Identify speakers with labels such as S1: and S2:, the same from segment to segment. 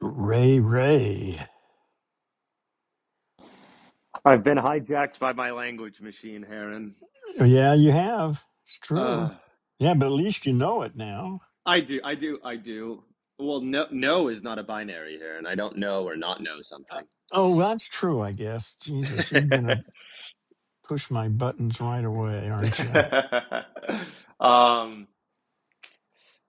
S1: Ray Ray.
S2: I've been hijacked by my language machine, Heron.
S1: Yeah, you have. It's true.
S2: Uh,
S1: Yeah, but at least you know it now.
S2: I do, I do, I do. Well, no, no is not a binary, Heron. I don't know or not know
S1: Uh,
S2: something.
S1: oh, that's true, I guess. Jesus, you're going to push my buttons right away, aren't you?
S2: um,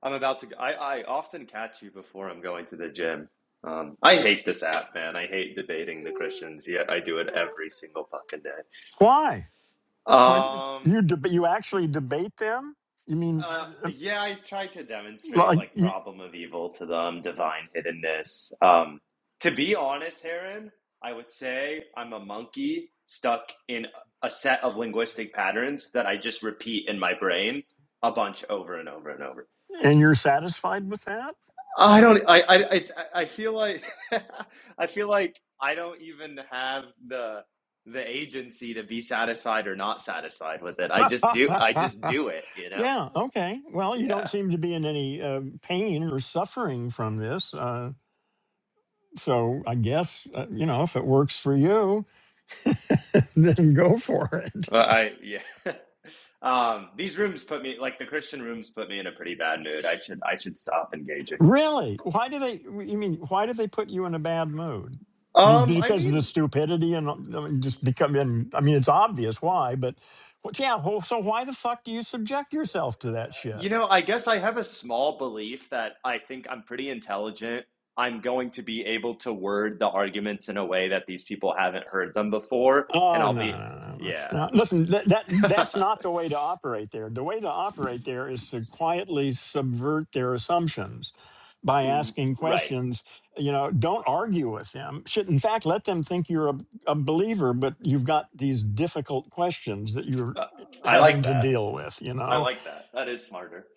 S2: I'm about to. I I often catch you before I'm going to the gym. Um, I hate this app, man. I hate debating the Christians. Yet I do it every single fucking day.
S1: Why? Why
S2: Um,
S1: you deb you actually debate them? You mean
S2: Uh,
S1: uh, uh,
S2: yeah, I tried to demonstrate
S1: like
S2: like
S1: you,
S2: problem of evil to them, divine hiddenness. Um, to be honest, Heron, I would say I'm a monkey stuck in a set of linguistic patterns that I just repeat in my brain a bunch over and over and over.
S1: and you're satisfied with that?
S2: I don't. I. I. It's, I I feel like. I feel like I don't even have the the agency to be satisfied or not satisfied with it. I just do. I just do it. You know.
S1: yeah, okay. Well, you don't
S2: Yeah.
S1: seem to be in any uh, pain or suffering from this. Uh, so I guess, uh, you know, if it works for you. then go for it.
S2: Well, I yeah. Um, these rooms put me like the Christian rooms put me in a pretty bad mood. I should I should stop engaging.
S1: Really? Why do they? You mean why do they put you in a bad mood? I mean,
S2: Um, I
S1: because of the
S2: mean,
S1: stupidity and I mean, just becoming. I mean, it's obvious why, but well, yeah. Well, so why the fuck do you subject yourself to that shit?
S2: you know, I guess I have a small belief that I think I'm pretty intelligent. I'm going to be able to word the arguments in a way that these people haven't heard them before, and
S1: Oh
S2: I'll
S1: no, no,
S2: be
S1: no, no!
S2: yeah.
S1: no. Listen, that, that that's not the way to operate there. The way to operate there is to quietly subvert their assumptions by asking
S2: right.
S1: questions. You know, don't argue with them. Should in fact let them think you're a, a believer, but you've got these difficult questions that you're
S2: Uh, I like
S1: having to
S2: that.
S1: deal with. You
S2: I
S1: know,
S2: like that. That is smarter.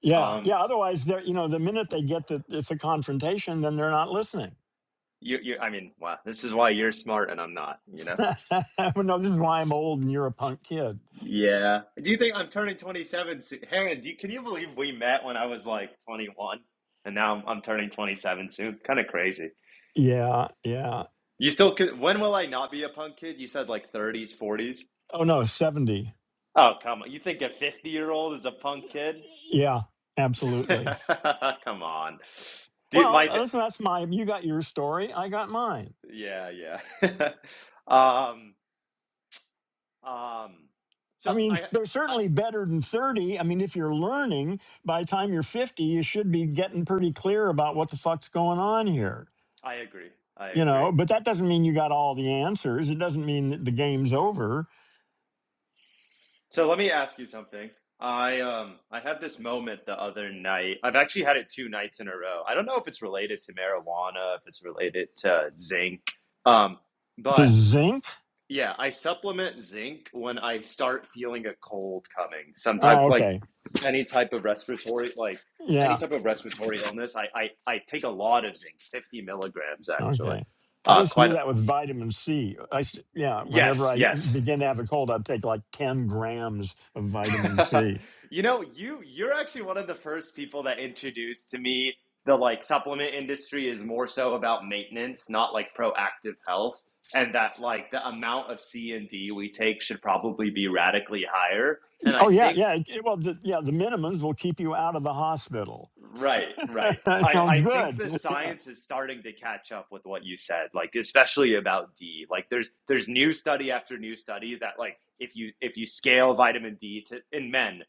S1: yeah,
S2: Um,
S1: yeah. Otherwise, they're you know, the minute they get that it's a confrontation, then they're not listening.
S2: you you I mean, wow, this is why you're smart and I'm not, you know.
S1: Well, no, this is why I'm old and you're a punk kid.
S2: Yeah. Do you think I'm turning 27 soon? Heron, do you, can you believe we met when I was like 21 and now I'm, I'm turning 27 soon? Kind of crazy.
S1: Yeah, yeah.
S2: You still could, when will I not be a punk kid? You said like 30s, 40s.
S1: Oh no, seventy.
S2: Oh, come on. You think a 50 year old is a punk kid?
S1: Yeah, absolutely.
S2: Come on. Dude, my,
S1: Well, uh,
S2: da-
S1: listen, that's my. You got your story. I got mine.
S2: yeah, yeah. Um, um, so
S1: I mean,
S2: I,
S1: they're
S2: I,
S1: certainly better than thirty. I mean, if you're learning, by the time you're fifty, you should be getting pretty clear about what the fuck's going on here.
S2: I agree. I
S1: You
S2: agree.
S1: know, but that doesn't mean you got all the answers. It doesn't mean that the game's over.
S2: So let me ask you something. I um I had this moment the other night. I've actually had it two nights in a row. I don't know if it's related to marijuana, if it's related to zinc. Um,
S1: The
S2: but
S1: zinc.
S2: yeah, I supplement zinc when I start feeling a cold coming. Some type
S1: Oh,
S2: like
S1: okay.
S2: any type of respiratory like any
S1: Yeah.
S2: type of respiratory illness. I I, I take a lot of zinc, fifty milligrams actually.
S1: Okay. I
S2: Uh,
S1: used to
S2: quite.
S1: do
S2: A,
S1: that with vitamin C. I used to, yeah, whenever
S2: yes,
S1: I
S2: yes.
S1: begin to have a cold, I'd take like 10 grams of vitamin C.
S2: you know, you you're actually one of the first people that introduced to me the like supplement industry is more so about maintenance, not like proactive health, and that like the amount of C and D we take should probably be radically higher. And I
S1: Oh, yeah,
S2: think
S1: yeah. it- it- well, the, yeah, the minimums will keep you out of the hospital.
S2: Right, right.
S1: oh,
S2: I, I think the
S1: good. Yeah,
S2: science is starting to catch up with what you said, like especially about D. Like there's there's new study after new study that like if you if you scale vitamin D to in men,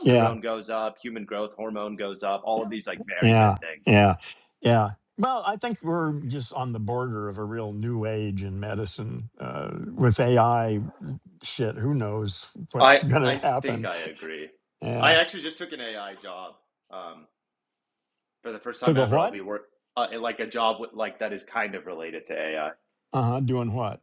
S1: yeah,
S2: goes up, human growth hormone goes up, all of these like very good
S1: yeah,
S2: things.
S1: yeah. yeah. Well, I think we're just on the border of a real new age in medicine uh, with AI shit. Who knows
S2: I
S1: what's going to
S2: I think
S1: happen?
S2: I agree. I
S1: Yeah.
S2: actually just took an AI job. Um, for the first time
S1: Took a
S2: ever, I'll
S1: what?
S2: be work uh, like a job with, like that is kind of related to AI.
S1: Uh huh. Doing what?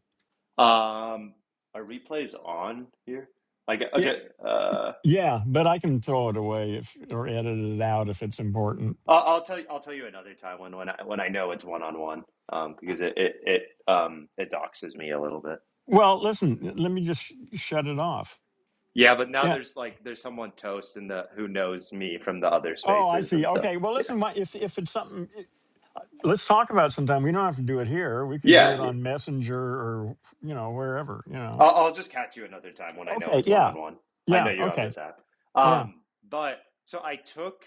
S2: Um, are replays on here? Like, okay, uh,
S1: Yeah, but I can throw it away if or edit it out if it's important.
S2: I'll, I'll tell you. I'll tell you another time when when I when I know it's one on one, um, because it it it um it doxes me a little bit.
S1: Well, listen, let me just sh- shut it off.
S2: Yeah, but now
S1: Yeah.
S2: there's like there's someone toast in the who knows me from the other
S1: Oh, I
S2: spaces
S1: see.
S2: and stuff.
S1: Okay. Well,
S2: Yeah,
S1: listen, my, if if it's something, eh, let's talk about it sometime. We don't have to do it here. We could do
S2: yeah,
S1: it on Messenger or you know wherever. You know.
S2: I'll, I'll just catch you another time when I know
S1: Okay.
S2: it's one
S1: Yeah.
S2: on one. I know
S1: Yeah.
S2: you're on
S1: Okay.
S2: this app.
S1: Yeah.
S2: Um, but so I took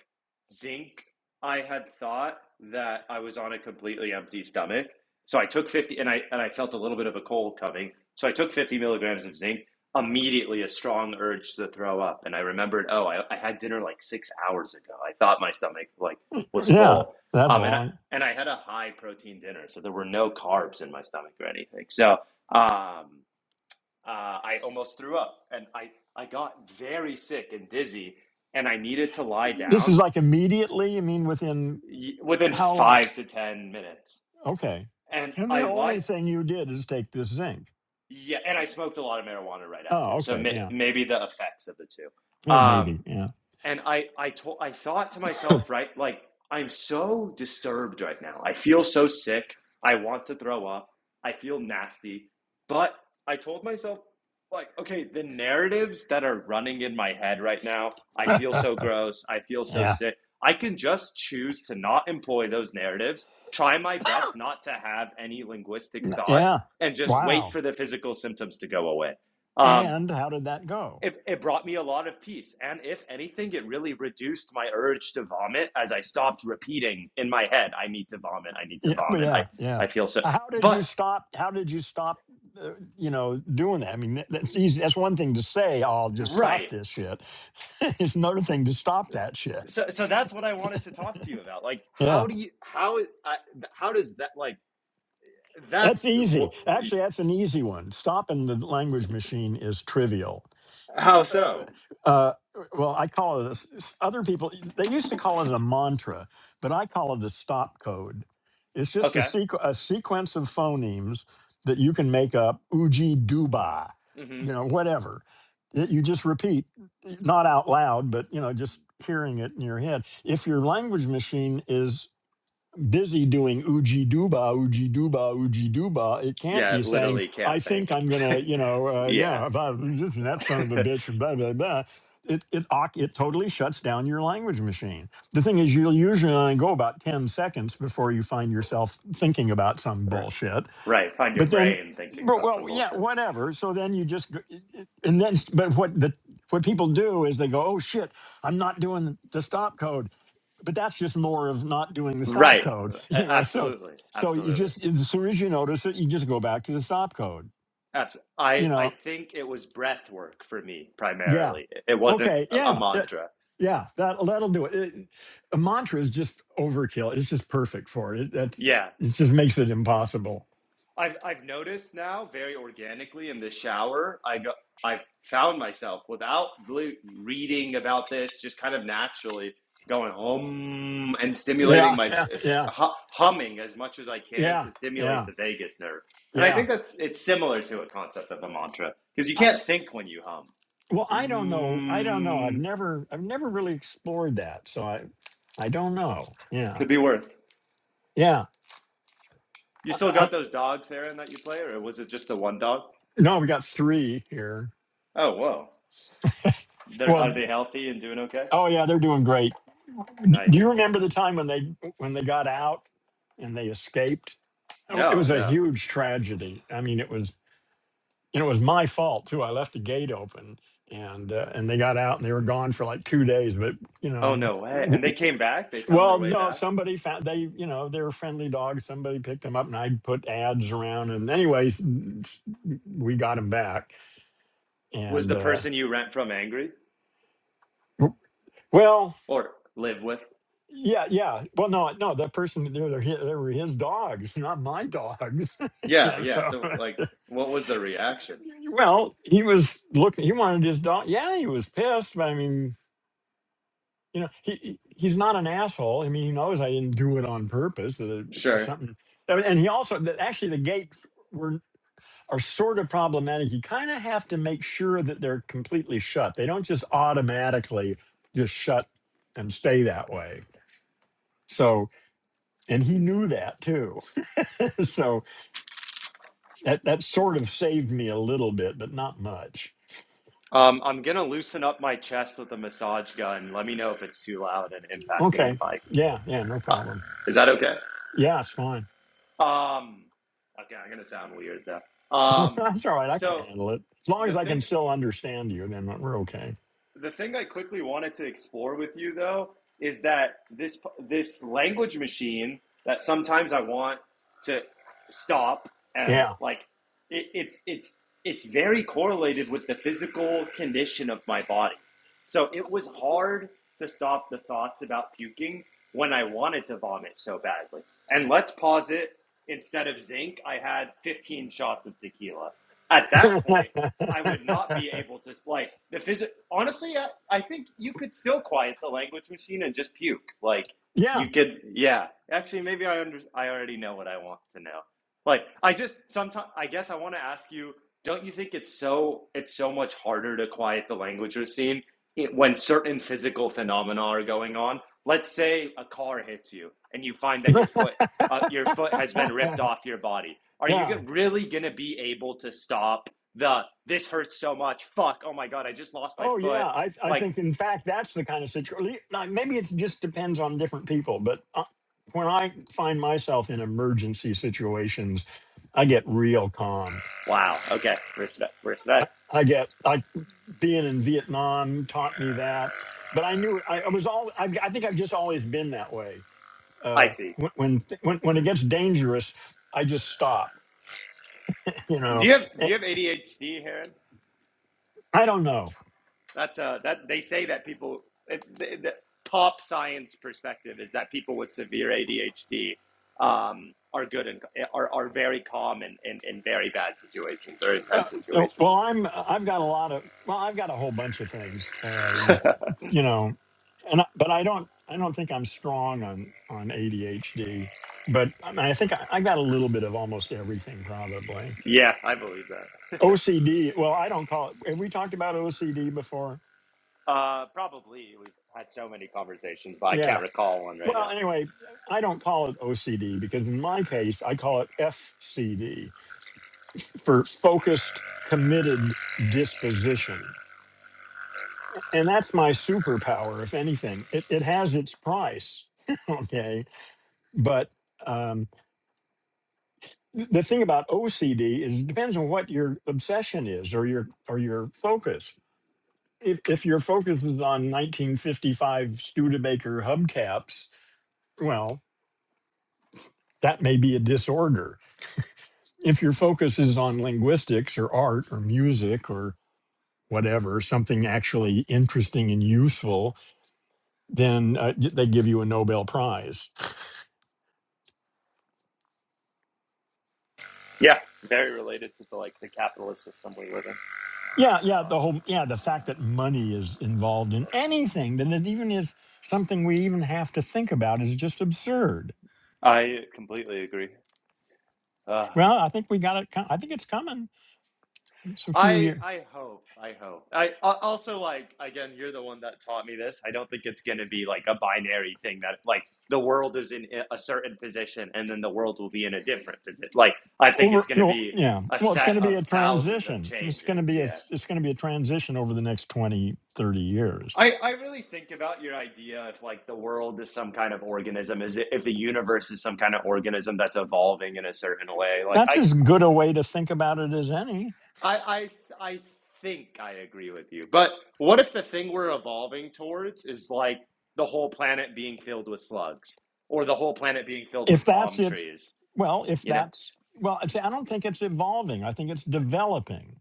S2: zinc. I had thought that I was on a completely empty stomach, so I took fifty, and I and I felt a little bit of a cold coming. So I took fifty milligrams of zinc. Immediately, a strong urge to throw up, and I remembered, oh, I, I had dinner like six hours ago. I thought my stomach like was
S1: Yeah.
S2: full,
S1: That's a
S2: um, and I,
S1: long.
S2: and I had a high protein dinner, so there were no carbs in my stomach or anything. So. Um, uh, I almost threw up and I, I got very sick and dizzy and I needed to lie
S1: This
S2: down
S1: is like immediately. I mean, within
S2: within
S1: how long?
S2: five to 10 minutes.
S1: Okay.
S2: And
S1: And
S2: I
S1: the
S2: lied,
S1: only thing you did is take this zinc.
S2: yeah, and I smoked a lot of marijuana right
S1: Oh,
S2: after. So
S1: okay.
S2: may,
S1: Yeah.
S2: maybe the effects of the two.
S1: Yeah.
S2: Um,
S1: Maybe. Yeah.
S2: and I I told I thought to myself, right, like I'm so disturbed right now. I feel so sick. I want to throw up. I feel nasty. But I told myself like, okay, the narratives that are running in my head right now, I feel so gross. I feel so
S1: Yeah.
S2: sick. I can just choose to not employ those narratives, try my best not to have any linguistic
S1: N-
S2: thought
S1: Yeah.
S2: and just wait
S1: Wow.
S2: for the physical symptoms to go away. Um,
S1: And how did that go?
S2: it, it brought me a lot of peace. And if anything, it really reduced my urge to vomit as I stopped repeating in my head, I need to vomit, I need to
S1: Yeah. but
S2: vomit. I,
S1: Yeah. Yeah.
S2: I feel so
S1: Uh, How did you
S2: but
S1: stop? How did you stop? Uh, you know, doing that. I mean, that, that's easy. That's one thing to say. "Oh, I'll just stop
S2: right.
S1: this shit. it's another thing to stop that shit.
S2: So so that's what I wanted to talk to you about. Like
S1: Yeah.
S2: how do you how I, how does that like
S1: That's
S2: that's
S1: easy.
S2: wh-
S1: Actually, that's an easy one. Stopping the language machine is trivial.
S2: How
S1: uh,
S2: so?
S1: uh, well, I call it a, s- s- other people, they used to call it a mantra, but I call it a stop code. It's just a,
S2: okay.
S1: sequ- a sequence of phonemes that you can make up, uji duba,
S2: hmm
S1: you know, whatever. that You just repeat, not out loud, but, you know, just hearing it in your head. If your language machine is busy doing oogie dooba, oogie dooba, oogie dooba. It can't
S2: Yeah,
S1: be saying,
S2: literally can't
S1: I think
S2: think.
S1: I'm going to, you know, uh,
S2: yeah.
S1: yeah, if I, this and that son of a bitch, and blah, blah, blah. It, it, oc- it totally shuts down your language machine. The thing is, you'll usually only go about 10 seconds before you find yourself thinking about some
S2: R-
S1: bullshit.
S2: Right. Find your
S1: But then,
S2: brain thinking
S1: but
S2: about some
S1: well, yeah,
S2: bullshit.
S1: whatever. So then you just, go- and then, but what the, what people do is they go, oh shit, I'm not doing the stop code but that's just more of not doing the stop
S2: Right.
S1: code you know so
S2: Absolutely.
S1: so you
S2: Absolutely.
S1: just as soon as you notice it you just go back to the stop code
S2: Absolutely. I,
S1: you
S2: I
S1: know
S2: think it was breath work for me
S1: yeah
S2: primarily. It wasn't
S1: okay
S2: a, a
S1: yeah yeah,
S2: mantra.
S1: yeah that that'll do it. it a mantra is just overkill it's just perfect for it, it that's
S2: Yeah.
S1: it just makes it impossible
S2: I've I've noticed now very organically in the shower, I go I've found myself without really reading about this, just kind of naturally going hum and stimulating
S1: yeah
S2: my uh,
S1: yeah yeah
S2: hu- humming as much as I can
S1: yeah
S2: to stimulate
S1: yeah
S2: the vagus nerve. And I
S1: yeah
S2: think that's it's similar to a concept of a mantra because you
S1: I,
S2: can't think when you hum.
S1: well i don't know i don't know i've
S2: Hum
S1: never i've never really explored that so i i don't know yeah
S2: could be worse.
S1: yeah
S2: You
S1: I,
S2: still
S1: I,
S2: got those dogs, Aaron, that you play, or was it just the one dog?
S1: no we got three here
S2: Oh, whoa. They're, are
S1: Well,
S2: they healthy and doing okay?
S1: oh yeah, they're doing great. D- Do
S2: Nice.
S1: you remember the time when they when they got out and they escaped? Oh, It
S2: No,
S1: was a
S2: no.
S1: huge tragedy. I mean, it was and it was my fault too. I left the gate open and uh, and they got out and they were gone for like 2 days, but you
S2: Oh,
S1: know,
S2: no way.
S1: w-
S2: And they
S1: w-
S2: came back? They found their
S1: well,
S2: way
S1: no,
S2: back?
S1: somebody found they, you know, they were friendly dogs. Somebody picked them up and I put ads around and anyways, we got them back
S2: Was
S1: and
S2: the
S1: uh
S2: person you rent from angry
S1: w- well
S2: or live with?
S1: Yeah, yeah. Well, no, no. That person, they were, hi- they were his dogs, not my dogs. you
S2: Yeah,
S1: know?
S2: yeah. So, like, what was their reaction?
S1: well, he was looking. He wanted his dog. Yeah, he was pissed, but I mean, you know, he he- he's not an asshole. I mean, he knows I didn't do it on purpose. That it-
S2: Sure.
S1: something, and and he also that actually the gates were are sort of problematic. You kind of have to make sure that they're completely shut. They don't just automatically just shut and stay that way. So, and he knew that too. so that that sort of saved me a little bit, but not much.
S2: Um, I'm gonna loosen up my chest with a massage gun. Let me know if it's too loud and impacting
S1: Okay.
S2: the mic.
S1: Yeah, yeah, no
S2: Uh,
S1: problem.
S2: is that okay?
S1: Yeah, it's fine.
S2: Um, okay, I'm gonna sound weird though. Um,
S1: That's all right. I can
S2: so
S1: handle it. As long
S2: the
S1: as I
S2: thing
S1: can still understand you, then we're okay.
S2: the thing I quickly wanted to explore with you though is that this this language machine that sometimes I want to stop and
S1: Yeah.
S2: like it, it's it's it's very correlated with the physical condition of my body. So it was hard to stop the thoughts about puking when I wanted to vomit so badly. And let's pause it. Instead of zinc, I had 15 shots of tequila. At that point, I would not be able to like the phys- honestly I, I think you could still quiet the language machine and just puke like
S1: yeah.
S2: you could yeah actually maybe I under I already know what I want to know like I just sometimes I guess I want to ask you don't you think it's so it's so much harder to quiet the language machine it, when certain physical phenomena are going on let's say a car hits you and you find that your foot uh, your foot has been ripped off your body are you
S1: yeah.
S2: go- really going to be able to stop the this hurts so much. Fuck. Oh my god, I just lost my
S1: Oh yeah,
S2: foot.
S1: I I
S2: Like,
S1: think in fact that's the kind of situation. Maybe it just depends on different people, but uh, when I find myself in emergency situations, I get real calm.
S2: wow. Okay. Respect.
S1: I,
S2: Respect.
S1: I get I being in Vietnam taught me that. But I knew it. I, I was all. I, I think I've just always been that way.
S2: I
S1: Uh,
S2: see.
S1: when when when when it gets dangerous, I just stop. You
S2: Do
S1: know,
S2: you have Do
S1: Eh,
S2: you have ADHD, Heron?
S1: I don't know.
S2: That's uh that they say that people it, the, the top science perspective is that people with severe ADHD um are good and are, are very calm in, in, in very bad situations or
S1: Uh,
S2: intense
S1: no, well,
S2: situations.
S1: I'm. I've got a lot of. Well, I've got a whole bunch of things. Um, you know, and I- but I don't. I don't think I'm strong on on ADHD. But I, mean, I think I, I got a little bit of almost everything probably.
S2: Yeah, I believe that.
S1: OCD. Well, I don't call it. Have we talked about OCD before?
S2: Uh, probably. We've had so many conversations, but I
S1: Yeah.
S2: can't recall one right
S1: Well,
S2: now.
S1: anyway, I don't call it OCD because in my case, I call it FCD for focused, committed disposition. And that's my superpower, if anything. It, it has its price. okay. But um, th- the thing about OCD is it depends on what your obsession is or your or your focus. If, if your focus is on 1955 Studebaker hubcaps, well, that may be a disorder if your focus is on linguistics or art or music or whatever, something actually interesting and useful, then uh, y- they give you a Nobel Prize.
S2: Yeah, very related to the like the capitalist system we live in.
S1: Yeah, yeah, the whole, yeah, the fact that money is involved in anything, that it even is something we even have to think about is just absurd.
S2: I completely agree. Uh,
S1: Well, I think we got it. co- I think it's coming. It's a few
S2: I
S1: years
S2: I hope I hope I al- also like again you're the one that taught me this. I don't think it's going to be like a binary thing that like the world is in a certain position and then the world will be in a different position. Like I think it's
S1: over.
S2: going to
S1: Well,
S2: be
S1: yeah.
S2: a
S1: Well, it's
S2: set
S1: going to be
S2: of
S1: a
S2: thousands of
S1: transition. It's going to
S2: changes.
S1: be a,
S2: Yeah.
S1: s- it's going to be a transition over the next 20, 30 years
S2: I, I really think about your idea if like the world is some kind of organism is it if the universe is some kind of organism that's evolving in a certain way like
S1: that's
S2: I.
S1: as good a way to think about it as any.
S2: I I I think I agree with you. But what if the thing we're evolving towards is like the whole planet being filled with slugs or the whole planet being filled with
S1: If that's
S2: palm
S1: it,
S2: trees,
S1: well, if
S2: you know?
S1: that's well, it's, I don't think it's evolving. I think it's developing.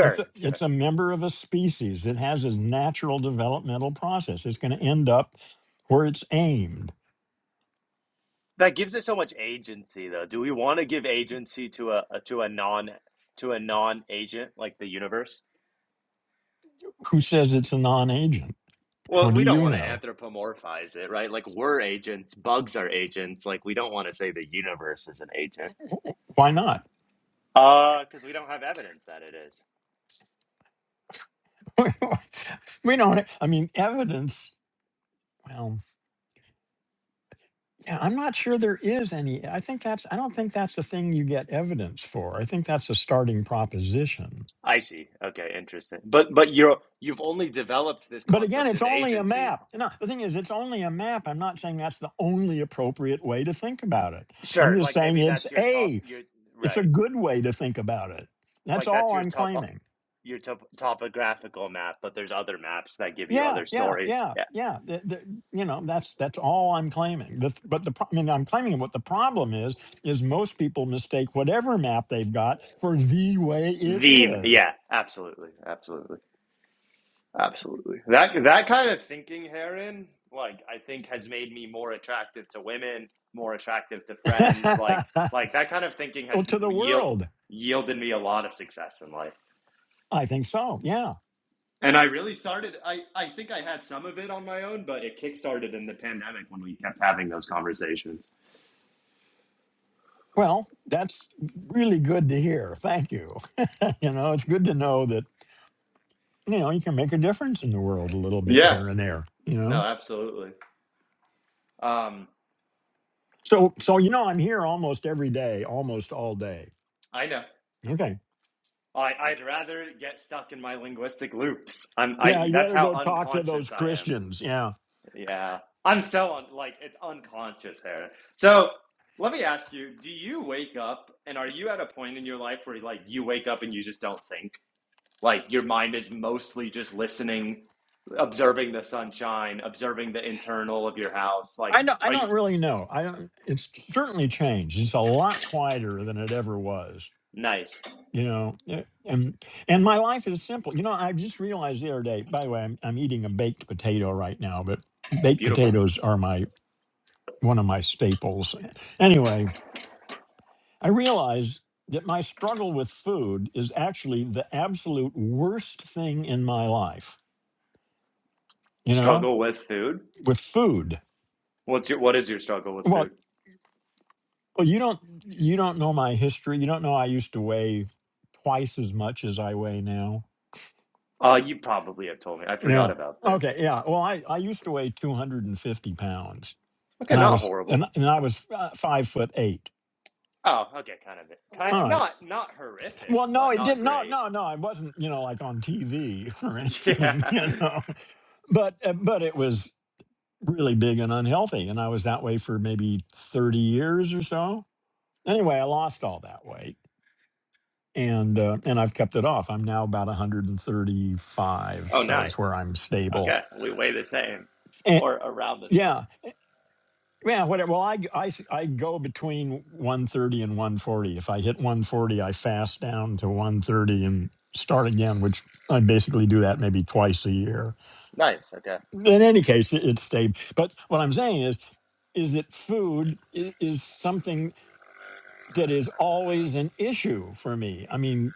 S1: It's a,
S2: sure.
S1: it's a member of a species. It has its natural developmental process. It's going to end up where it's aimed.
S2: That gives it so much agency, though. Do we want to give agency to a, a to a non to a non-agent like the universe?
S1: Who says it's a non-agent?
S2: Well,
S1: What do
S2: we don't
S1: you
S2: want to
S1: know?
S2: anthropomorphize it, right? Like we're agents, bugs are agents, like we don't want to say the universe is an agent.
S1: Why not?
S2: Uh, because we don't have evidence that it is.
S1: we don't. I mean, evidence. Well. And I'm not sure there is any. I think that's, I don't think that's the thing you get evidence for. I think that's a starting proposition.
S2: I see. Okay, interesting. But but you're you've only developed this
S1: But again,
S2: concept
S1: it's
S2: of
S1: only a
S2: agency.
S1: map. No, the thing is, it's only a map. I'm not saying that's the only appropriate way to think about it. I'm
S2: Sure,
S1: just
S2: like
S1: saying
S2: maybe
S1: it's
S2: that's your top
S1: a,
S2: your
S1: it's a
S2: right.
S1: good way to think about it. That's
S2: Like that's
S1: all
S2: your
S1: I'm
S2: top
S1: claiming.
S2: your top, topographical map, but there's other maps that give you
S1: Yeah,
S2: other
S1: yeah,
S2: stories.
S1: yeah,
S2: Yeah.
S1: yeah. The, the, you know, that's that's all I'm claiming. The, but the pro- I mean, I'm claiming what the problem is is most people mistake whatever map they've got for the way it
S2: The
S1: is.
S2: yeah, absolutely. Absolutely. Absolutely. That that kind of thinking, Heron, like I think has made me more attractive to women, more attractive to friends, like like that kind of thinking has
S1: well, to the
S2: yield,
S1: world,
S2: yielded me a lot of success in life.
S1: I think so. Yeah.
S2: And I really started, I, I think I had some of it on my own, but it kickstarted in the pandemic when we kept having those conversations.
S1: Well, that's really good to hear. Thank you. you know, it's good to know that you know you can make a difference in the world a little bit
S2: Yeah,
S1: here and there. You
S2: no,
S1: know.
S2: absolutely. Um,
S1: So so you know, I'm here almost every day, almost all day.
S2: I know.
S1: Okay.
S2: I, I'd rather get stuck in my linguistic loops. I'm, I,
S1: Yeah, you
S2: that's
S1: better
S2: how
S1: go talk to those
S2: unconscious I am.
S1: Christians. Yeah.
S2: Yeah. I'm so un. like, it's unconscious, here. So let me ask you, do you wake up and are you at a point in your life where, like, you wake up and you just don't think? Like your mind is mostly just listening, observing the sunshine, observing the internal of your house. Like,
S1: I don't, I
S2: are you
S1: don't really know. I don't, it's certainly changed. It's a lot quieter than it ever was.
S2: nice,
S1: You know, eh, and and my life is simple. You know, I just realized the other day. By the way, I'm I'm eating a baked potato right now, but baked
S2: beautiful?
S1: potatoes are my one of my staples. Anyway, I realized that my struggle with food is actually the absolute worst thing in my life. You know,
S2: Struggle with food?
S1: with food.
S2: What's your what is your struggle with
S1: Well,
S2: food?
S1: Well, you don't you don't know my history. You don't know I used to weigh twice as much as I weigh now.
S2: Uh, you probably have told me. I forgot
S1: Yeah.
S2: about this.
S1: Okay. Yeah. Well, I I used to weigh two hundred and fifty pounds,
S2: Okay,
S1: and I
S2: not
S1: was
S2: horrible.
S1: and and I was uh, five foot eight.
S2: Oh, okay, kind of, kind
S1: All
S2: of,
S1: right.
S2: not not horrific,
S1: Well, no,
S2: but
S1: it
S2: not
S1: didn't. No,
S2: great.
S1: no, no. I wasn't. You know, like on TV or anything.
S2: Yeah.
S1: You know, but uh, but it was really big and unhealthy, and I was that way for maybe thirty years or so. Anyway, I lost all that weight and uh, and I've kept it off. I'm now about 135,
S2: Oh,
S1: so is
S2: nice.
S1: where I'm stable.
S2: Okay, we weigh the same,
S1: And
S2: or around the same.
S1: yeah, yeah, whatever. Well, I, I s- I go between 130 and 140. If I hit 140, I fast down to 130 and start again, which I basically do that maybe twice a year.
S2: Nice. Okay.
S1: In any case, it, it's stable. But what I'm saying is, is that food is, is something. that is always an issue for me. I mean,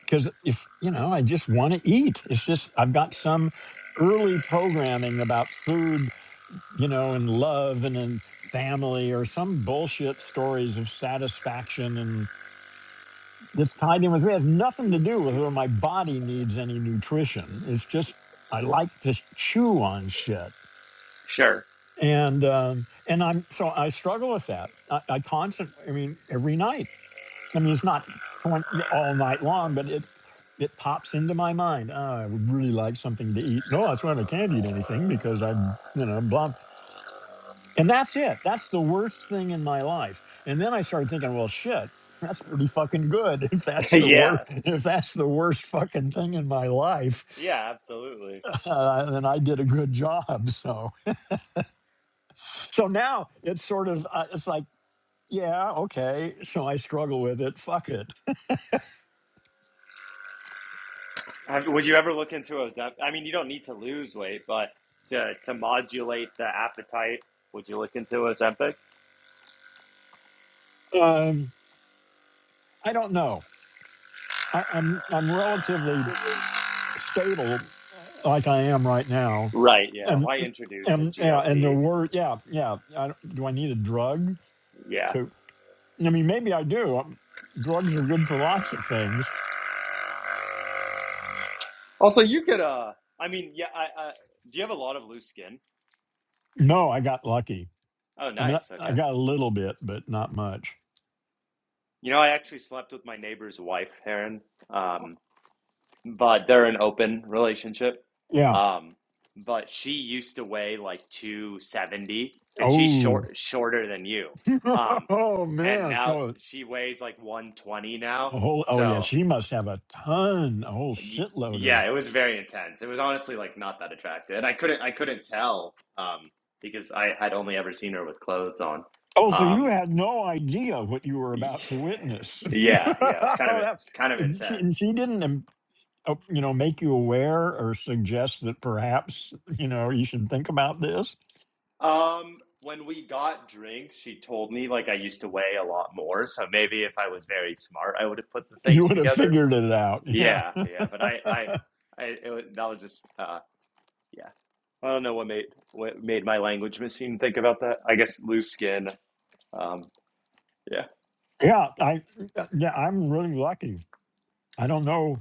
S1: because if you know, I just want to eat. It's just I've got some early programming about food, you know, and love and and family or some bullshit stories of satisfaction and that's tied in with me. It has nothing to do with whether my body needs any nutrition. It's just I like to chew on shit.
S2: Sure.
S1: And um, and I'm so I struggle with that. I, I constantly, I mean, every night I mean, it's not 20, all night long, but it it pops into my mind. Oh, I would really like something to eat. No, that's why I can't eat anything because I'm, you know, blah. And that's it. That's the worst thing in my life. And then I started thinking, well, shit, that's pretty fucking good. If that's the worst,
S2: yeah.
S1: if that's the worst fucking thing in my life,
S2: Yeah. Absolutely.
S1: uh, then I did a good job. So, so now it's sort of, uh, it's like, yeah, okay. So I struggle with it. Fuck it.
S2: Have- Would you ever look into a Zep? I mean, you don't need to lose weight, but to to modulate the appetite, would you look into Ozempic?
S1: Um, I don't know I, I'm I'm relatively stable, uh, like I am right now,
S2: Right, yeah.
S1: and
S2: Why introduce a
S1: and yeah, and the
S2: GLP?
S1: word yeah yeah. I, don't- do I need a drug
S2: Yeah.
S1: to? I mean, maybe I do. Um drugs are good for lots of things.
S2: Also, you could uh I mean, yeah, I, I do you have a lot of loose skin?
S1: No, I got lucky.
S2: Oh,
S1: I mean,
S2: nice.
S1: I, I
S2: Okay.
S1: got a little bit, but not much.
S2: You know, I actually slept with my neighbor's wife, Heron. Um, but they're an open relationship.
S1: Yeah.
S2: Um, but she used to weigh like 270 and she's
S1: Oh.
S2: short shorter than you. Um,
S1: oh
S2: and
S1: man.
S2: now
S1: Oh,
S2: she weighs like 120 now.
S1: a whole. Oh yeah.
S2: So
S1: She must have a ton, a whole
S2: y-
S1: shitload of
S2: yeah, it was very intense. It was honestly like not that attractive. And I couldn't I couldn't tell um because I had only ever seen her with clothes on.
S1: Oh, so you
S2: Um
S1: had no idea what you were
S2: y-
S1: about to witness.
S2: yeah, yeah, it was kind
S1: oh,
S2: of
S1: that,
S2: kind of
S1: and she,
S2: intense.
S1: and she didn't, um, uh, you know, make you aware or suggest that perhaps, you know, you should think about this.
S2: Um, when we got drinks, she told me like I used to weigh a lot more, so maybe if I was very smart, I would have put the
S1: You
S2: things
S1: would have
S2: together.
S1: figured it out. Yeah.
S2: Yeah, yeah, but I, I, I it, wa- that was just, uh, yeah. I don't know what made what made my language machine think about that. I guess loose skin. Um, yeah.
S1: yeah. I, yeah, I'm really lucky. I don't know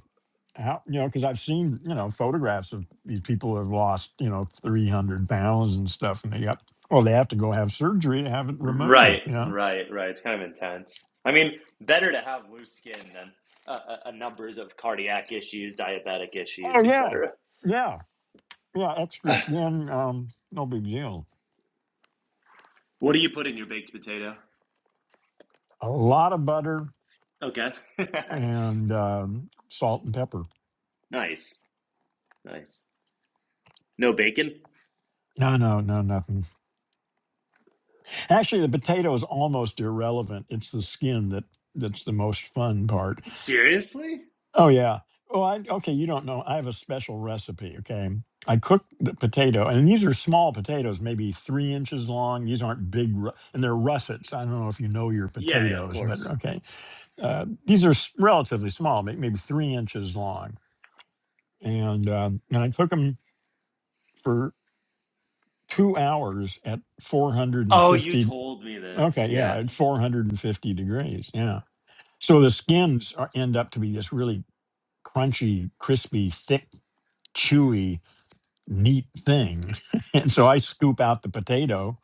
S1: how, you know, because I've seen, you know, photographs of these people who have lost, you know, 300 pounds and stuff. And they got, well, they have to go have surgery to have it removed,
S2: Right,
S1: you know?
S2: right, right. It's kind of intense. I mean, better to have loose skin than uh, uh, uh, numbers of cardiac issues, diabetic
S1: Oh,
S2: issues,
S1: yeah.
S2: etc.
S1: Yeah. Yeah, extra skin, um, no big deal.
S2: What do you put in your baked potato?
S1: A lot of butter
S2: Okay.
S1: and um, salt and pepper.
S2: Nice. Nice. No bacon?
S1: No, no, no, nothing. Actually, the potato is almost irrelevant. It's the skin that that's the most fun part.
S2: Seriously?
S1: Oh yeah. Oh, I, okay. You don't know. I have a special recipe. Okay, I cook the potato, and these are small potatoes, maybe three inches long. These aren't big, ru- and they're russets. I don't know if you know your
S2: Yeah, yeah, of
S1: potatoes, but
S2: course.
S1: okay, uh, these are s- relatively small, may- maybe three inches long and um, and I took them for two hours at
S2: Oh, you
S1: 450.
S2: told me this.
S1: Okay, yeah, at
S2: Yes.
S1: 450 degrees. Yeah, so the skins are, end up to be this really crunchy, crispy, thick, chewy, neat thing. and so I scoop out the potato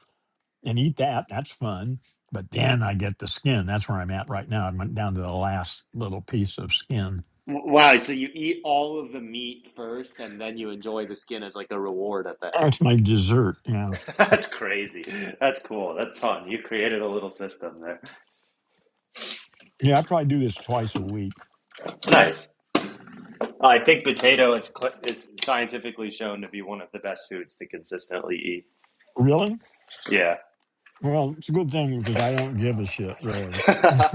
S1: and eat that. That's fun. But then I get the skin. That's where I'm at right now. I went down to the last little piece of skin.
S2: W- Wow, so you eat all of the meat first and then you enjoy the skin as like a reward at the
S1: That's
S2: end.
S1: my dessert. Yeah.
S2: That's crazy. That's cool. That's fun. You created a little system there.
S1: Yeah, I probably do this twice a week.
S2: Nice. I think potato is cl- is scientifically shown to be one of the best foods to consistently eat.
S1: Really?
S2: Yeah.
S1: Well, it's a good thing because I don't give a shit really.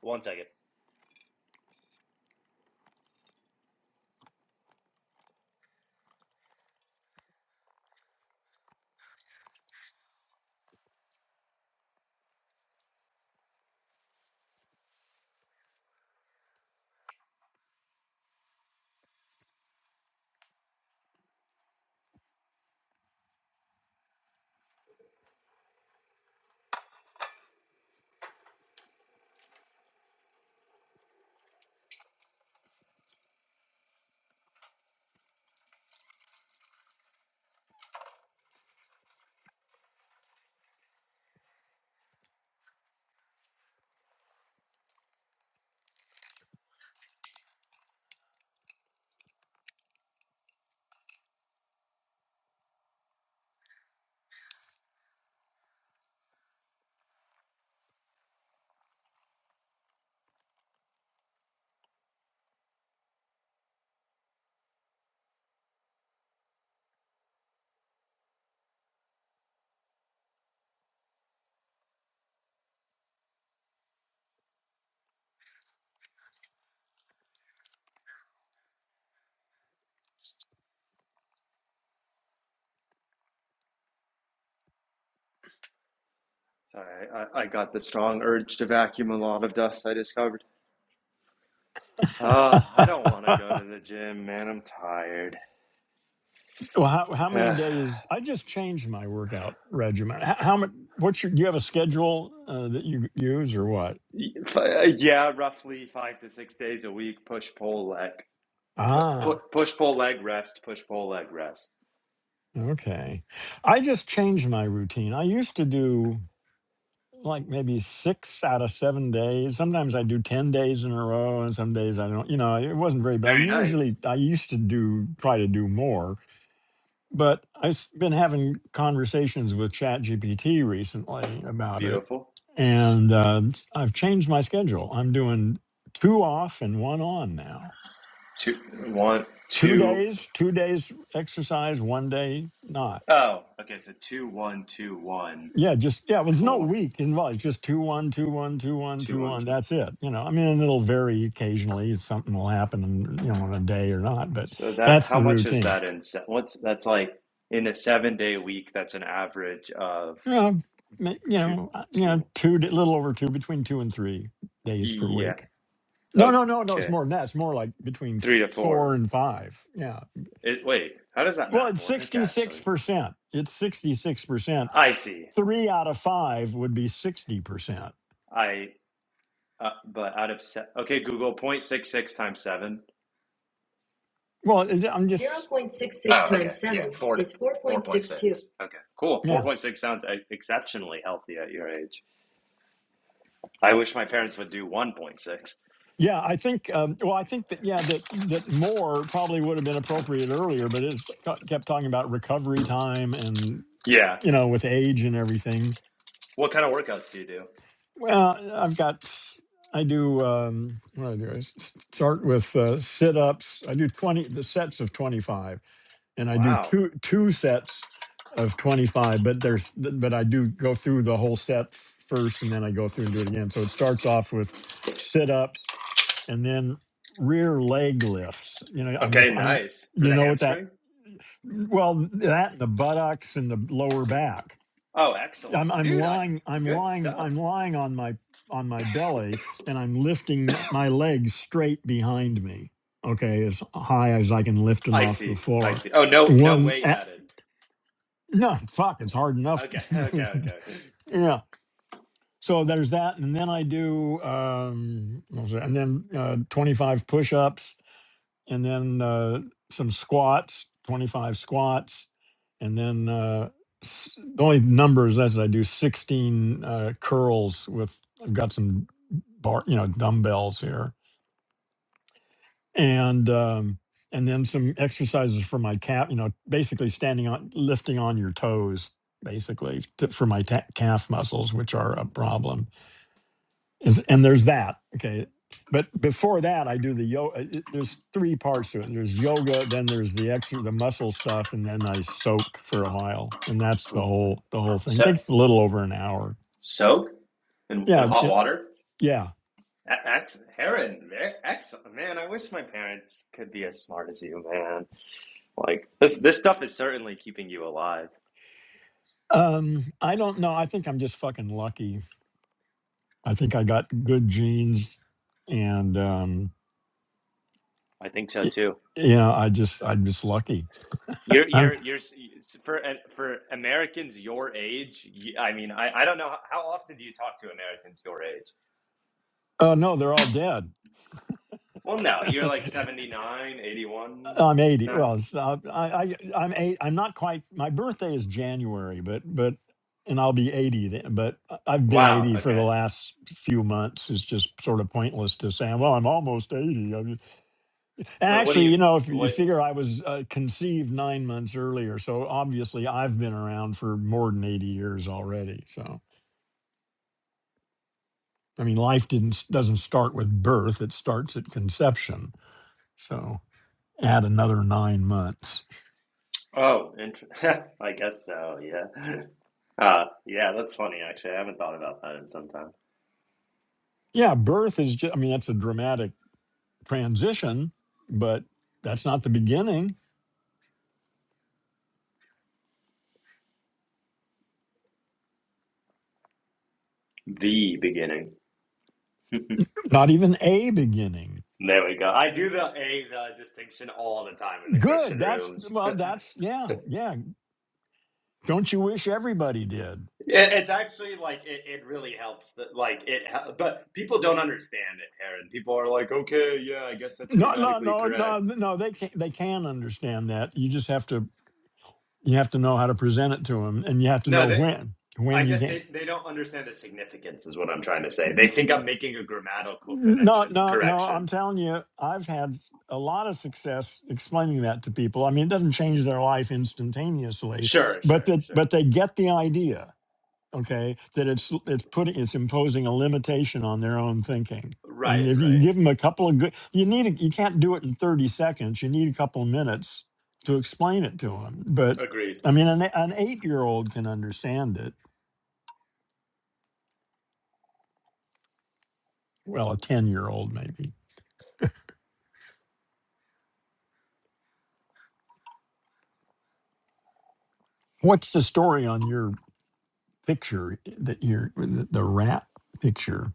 S2: One second. Sorry, I, I got the strong urge to vacuum a lot of dust I discovered. Oh, I
S1: well,
S2: don't want to go to the gym, man. I'm tired.
S1: how, how many days? I just changed my workout regimen. How, how much? What's your? Do you have a schedule uh, that you use or what?
S2: yeah, roughly five to six days a week. Push pull leg. Put, put,
S1: Ah,
S2: push pull leg rest. Push pull leg rest.
S1: okay. I just changed my routine. I used to do like maybe six out of seven days. Sometimes I do ten days in a row, and some days I don't. You know, it wasn't very. But I
S2: Very nice.
S1: usually I used to do try to do more. but I've been having conversations with ChatGPT recently about it,
S2: Beautiful.
S1: and uh, s- I've changed my schedule. I'm doing two off and one on now.
S2: Two one
S1: Two
S2: two.
S1: days, two days exercise, one day not.
S2: Oh, okay. So two one two one
S1: Yeah, just yeah. Well, there's no
S2: four
S1: week involved. It's just two one, two one, two one,
S2: two
S1: two
S2: one
S1: one.
S2: two.
S1: That's it. You know, I mean, and it'll vary occasionally. Something will happen, you know, in a day or not. But
S2: So that
S1: that's
S2: how
S1: the
S2: much is
S1: routine.
S2: that in se- what's that's like in a seven day week? That's an average of
S1: you know, ma- you
S2: two
S1: know, uh, you know,
S2: two.
S1: two, a little over two, between two and three days per
S2: Yeah.
S1: week. No, no, no, no. It's
S2: Okay.
S1: more than that. It's more like between
S2: three to
S1: four
S2: four.
S1: and five. Yeah.
S2: It, wait, how does that
S1: Well,
S2: math
S1: it's
S2: work?
S1: sixty-six
S2: Actually,
S1: percent. It's sixty-six percent.
S2: I see.
S1: Three out of five would be sixty percent.
S2: I uh, but out of se- okay, Google 0.66 times seven.
S1: Well, it- I'm
S2: 0.66
S1: just
S2: Oh, okay. times okay, yeah, 7 four to is four point 4.62. six. two. six. Okay, cool. Four
S1: yeah.
S2: point six sounds e- exceptionally healthy at your age. I wish my parents would do one point six.
S1: Yeah, I think. Um, well, I think that yeah, that that more probably would have been appropriate earlier, but it's kept talking about recovery time and
S2: Yeah.
S1: you know, with age and everything.
S2: What kind of workouts do you do?
S1: Well, uh, I've got, I do, um, what do I do? I s- s- start with uh, sit ups. I do 20, the sets of 25, and I do
S2: Wow.
S1: two, two sets of 25, but there's, th- but I do go through the whole set f- first and then I go through and do it again. So it starts off with sit ups and then rear leg lifts. You know, I'm
S2: Okay,
S1: just, I'm,
S2: nice for
S1: you
S2: the
S1: know what that,
S2: hamstring.
S1: well, that and the buttocks and the lower back
S2: Oh, excellent,
S1: I'm I'm
S2: dude. I,
S1: lying I'm
S2: good
S1: lying I'm
S2: stuff.
S1: lying on my on my belly and I'm lifting m- my legs straight behind me. Okay, as high as I can lift them
S2: I
S1: off the
S2: see. I
S1: floor.
S2: see. Oh, no, no
S1: One
S2: weight
S1: a
S2: added.
S1: no fuck, it's hard enough.
S2: Okay, okay, okay.
S1: yeah. So there's that, and then I do um, what was it? and then uh, 25 push-ups, and then uh, some squats, 25 squats, and then uh, s- the only numbers as I do 16 uh, curls with I've got some bar, you know, dumbbells here, and um, and then some exercises for my calf. You know, basically standing on, lifting on your toes, basically to, for my ta- calf muscles, which are a problem is- and there's that okay but before that i do the yoga there's three parts to it there's yoga then there's the extra the muscle stuff and then i soak for a while and that's the whole the whole thing
S2: So,
S1: takes a little over an hour
S2: soak in, in
S1: yeah
S2: hot
S1: it-
S2: water?
S1: yeah
S2: A- Ex Heron, ve- man, I wish my parents could be as smart as you, man. Like this, this stuff is certainly keeping you alive.
S1: um i don't know i think i'm just fucking lucky i think i got good genes and um
S2: I think so
S1: y-
S2: too.
S1: yeah i just i'm just lucky
S2: You're,
S1: i
S2: you're, you're for uh, for Americans your age. You, I mean, I, I don't know how, often do you talk to Americans your age?
S1: oh no they're all dead
S2: Well, no, you're like 79, 81,
S1: I'm 80.
S2: now.
S1: Well, it's, uh, I, I, I'm eight. I'm not quite. My birthday is January, but but, and I'll be 80. Then, but I- I've been
S2: Wow.
S1: 80 for the
S2: Okay.
S1: last few months. It's just sort of pointless to say, well, I'm almost 80. I'm just- And
S2: Wait, what do
S1: actually,
S2: you?
S1: you know, if you
S2: What?
S1: figure I was uh, conceived nine months earlier, so obviously I've been around for more than 80 years already. So I mean, life didn't s- doesn't start with birth. It starts at conception. So add another nine months.
S2: Oh, int- I guess so. Yeah. Uh, yeah, that's funny, actually. I haven't thought about that in some time.
S1: Yeah, birth is just, I mean, that's a dramatic transition, but that's not the beginning,
S2: The beginning.
S1: not even a beginning.
S2: There we go. I do the a the distinction all the time in the Christian
S1: Good. That's
S2: rooms.
S1: well,
S2: it,
S1: that's yeah, yeah. Don't you wish everybody did?
S2: it's actually like it, it really helps that like it hel- but people don't understand it, Aaron. People are like, "Okay, yeah, I guess that's
S1: No, no,
S2: grammatically
S1: no, no,
S2: correct."
S1: no. They can they can understand that. You just have to you have to know how to present it to them, and you have to
S2: No,
S1: know
S2: they
S1: when when
S2: I
S1: you
S2: guess
S1: can.
S2: they they don't understand the significance is what I'm trying to say. They think I'm making a grammatical
S1: No,
S2: connection
S1: no, no. I'm
S2: correction.
S1: telling you, I've had a lot of success explaining that to people. I mean, it doesn't change their life instantaneously,
S2: Sure,
S1: but
S2: sure,
S1: that
S2: sure.
S1: but they get the idea okay that it's it's putting it's imposing a limitation on their own thinking and
S2: Right,
S1: if you
S2: right.
S1: give them a couple of good you need a, you can't do it in 30 seconds you need a couple of minutes to explain it to them but
S2: Agreed.
S1: i mean an, an eight year old can understand it well a 10 year old maybe what's the story on your picture that you're the, the rat picture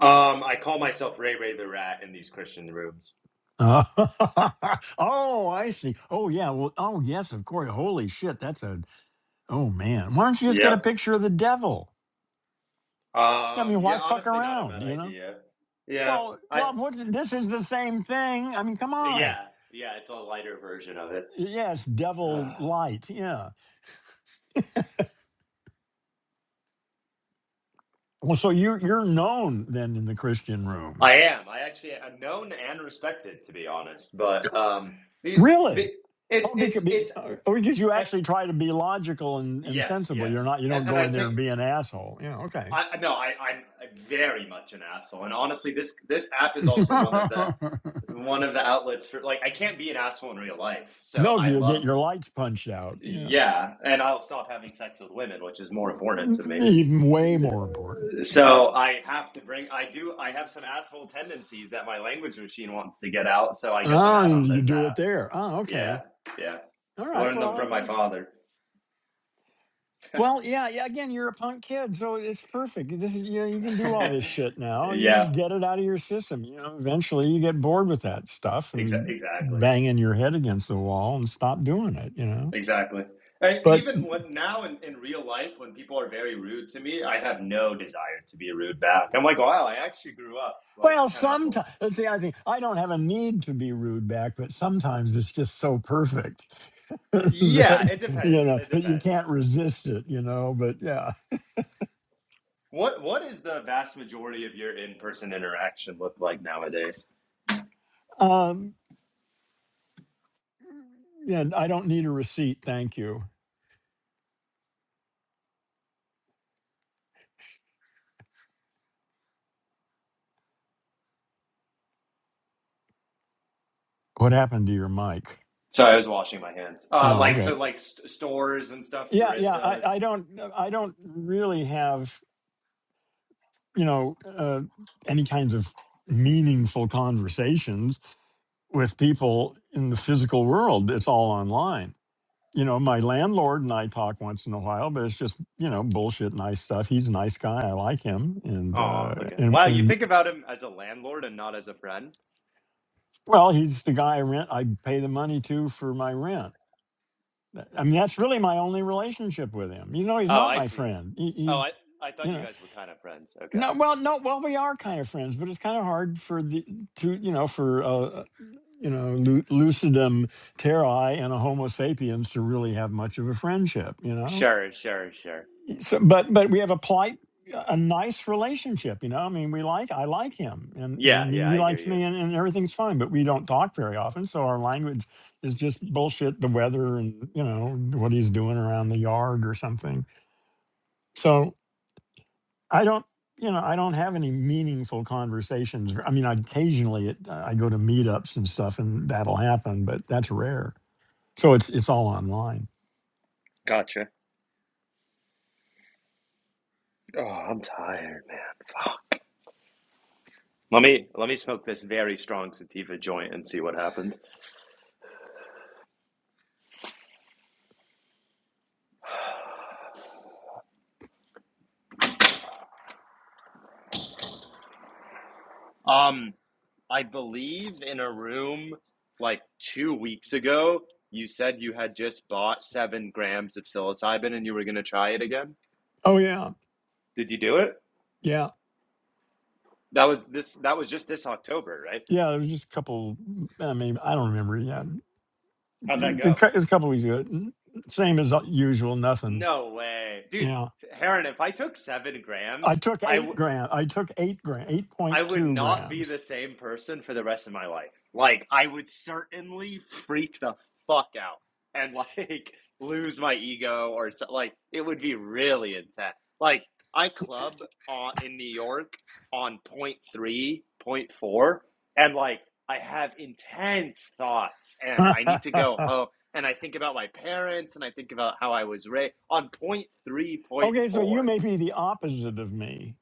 S2: Um, I call myself Ray Ray the Rat in these Christian rooms.
S1: Uh, oh, I see. Oh, yeah. Well, oh, yes, of course. Holy shit. That's a, oh, man. Why don't you just get
S2: Yep.
S1: a picture of the devil? I
S2: Um,
S1: mean, why
S2: yeah,
S1: fuck
S2: honestly, not a
S1: around,
S2: bad
S1: you know?
S2: idea. Yeah,
S1: Well,
S2: I.
S1: well, what, this is the same thing. I mean, come
S2: Yeah,
S1: on.
S2: yeah, it's a lighter version of it.
S1: Yes, devil light. Yeah. Well, so you're you're known then in the Christian
S2: I
S1: rooms,
S2: am. I actually am known and respected, to be honest. But um, the the
S1: really?
S2: it's
S1: Oh, because,
S2: it's it's
S1: because you
S2: uh,
S1: actually try to be logical and, and
S2: yes,
S1: sensible. You're
S2: yes,
S1: not. You
S2: and,
S1: don't
S2: and
S1: go
S2: I
S1: in there
S2: think
S1: and be an asshole. Yeah. Okay.
S2: I no, I I'm very much an asshole. And honestly, this this app is also one of the one of the outlets for like I can't be an asshole in real life. So
S1: no,
S2: I
S1: you
S2: love
S1: get your lights punched out. Yeah.
S2: Yeah, and I'll stop having sex with women, which is more important to me.
S1: Even way more important. Yeah.
S2: So I have to bring, I do, I have some asshole tendencies that my language machine wants to get out, so I get them
S1: Ah,
S2: out
S1: and
S2: on
S1: you
S2: this
S1: do
S2: app.
S1: it there. Ah,
S2: Yeah,
S1: okay.
S2: yeah.
S1: All right.
S2: Learn
S1: Well,
S2: them
S1: I
S2: from my
S1: guess.
S2: father.
S1: Well, yeah, yeah. Again, you're a punk kid, so it's perfect. This is you know you can
S2: yeah,
S1: do all this shit now. You can get it out of your system. You know, eventually you get bored with that stuff
S2: exa-
S1: and
S2: exactly,
S1: banging your head against the wall and stop doing it. You know,
S2: exactly. I,
S1: but
S2: even when, now in, in real life, when people are very rude to me, I have no desire to be rude back. I'm like, wow, I actually grew up. Like,
S1: well,
S2: it's kind of cool.
S1: sometimes that's the other thing. I don't have a need to be rude back, but sometimes it's just so perfect
S2: Yeah,
S1: that
S2: it
S1: you
S2: depends.
S1: know
S2: It
S1: that you
S2: depends.
S1: can't resist it. You know, but yeah,
S2: What what is the vast majority of your in person interaction look like nowadays?
S1: um, yeah. I don't need a receipt, thank you. What happened to your mic?
S2: Sorry, I was washing my hands. Uh,
S1: Oh,
S2: like
S1: okay.
S2: so, like st- stores and stuff,
S1: Yeah, yeah. I,
S2: baristas.
S1: I don't I don't really have, you know, uh, any kinds of meaningful conversations with people in the physical world. It's all online. You know, my landlord and I talk once in a while, but it's just, you know, bullshit nice stuff. He's a nice guy. I like him. And
S2: Oh,
S1: uh
S2: okay.
S1: and
S2: Wow, you
S1: and
S2: think about him as a landlord and not as a friend.
S1: well, he's the guy I rent I pay the money to for my rent. I mean, that's really my only relationship with him. You know, he's
S2: Oh,
S1: not
S2: I
S1: my
S2: see.
S1: friend. He,
S2: Oh, I
S1: he's
S2: I
S1: you
S2: thought
S1: know.
S2: you guys were kind of friends. Okay,
S1: No, well, no, well, we are kind of friends, but it's kind of hard for the to you know for uh you know lu- lucidum terrae and a Homo sapiens to really have much of a friendship, you know.
S2: sure, sure, sure.
S1: So, but but we have a polite, a nice relationship, you know. I mean, we like I like him, and
S2: Yeah,
S1: and
S2: yeah,
S1: he
S2: I hear
S1: likes
S2: you.
S1: me, and, and everything's fine. But we don't talk very often, so our language is just bullshit, the weather, and you know what he's doing around the yard or something. So. I don't, you know, I don't have any meaningful conversations. I mean, occasionally it, uh, I go to meetups and stuff, and that'll happen, but that's rare. So it's it's all online.
S2: Gotcha. Oh, I'm tired, man. Fuck. Let me let me smoke this very strong sativa joint and see what happens. Um, I believe in a room like two weeks ago, you said you had just bought seven grams of psilocybin and you were gonna try it again.
S1: Oh yeah,
S2: Did you do it?
S1: yeah,
S2: That was this. That was just this October, right?
S1: yeah. There was just a couple. I mean, I don't remember. Yeah,
S2: How'd that go?
S1: it was a couple weeks ago. N- Same as uh, usual. Nothing.
S2: No way, dude.
S1: Yeah,
S2: Heron, if I took seven
S1: I
S2: grams,
S1: took
S2: I w-
S1: eight gram. I took eight gram. Eight
S2: I
S1: point
S2: would
S1: two
S2: not be
S1: grams.
S2: the same person for the rest of my life. Like, I would certainly freak the fuck out and like lose my ego or so, like it would be really intense. Like, I club uh, in New York on point three, point four, and like I have intense thoughts, and I need to go home, and I think about my parents, and I think about how I was raised on point three, point
S1: Okay, so you
S2: four.
S1: may be the opposite of me.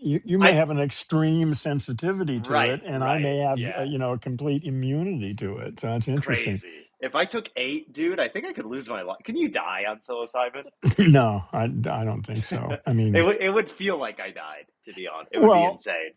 S1: You you may
S2: I
S1: have an extreme sensitivity to
S2: right,
S1: it, and I
S2: right,
S1: may have uh,
S2: yeah.
S1: you know a complete immunity to it. So that's interesting.
S2: crazy. If I took eight, dude, I think I could lose my life. Can you die on psilocybin?
S1: no, I I don't think so. I
S2: it
S1: mean,
S2: would it would feel like I died. To be honest, it would be
S1: well,
S2: insane.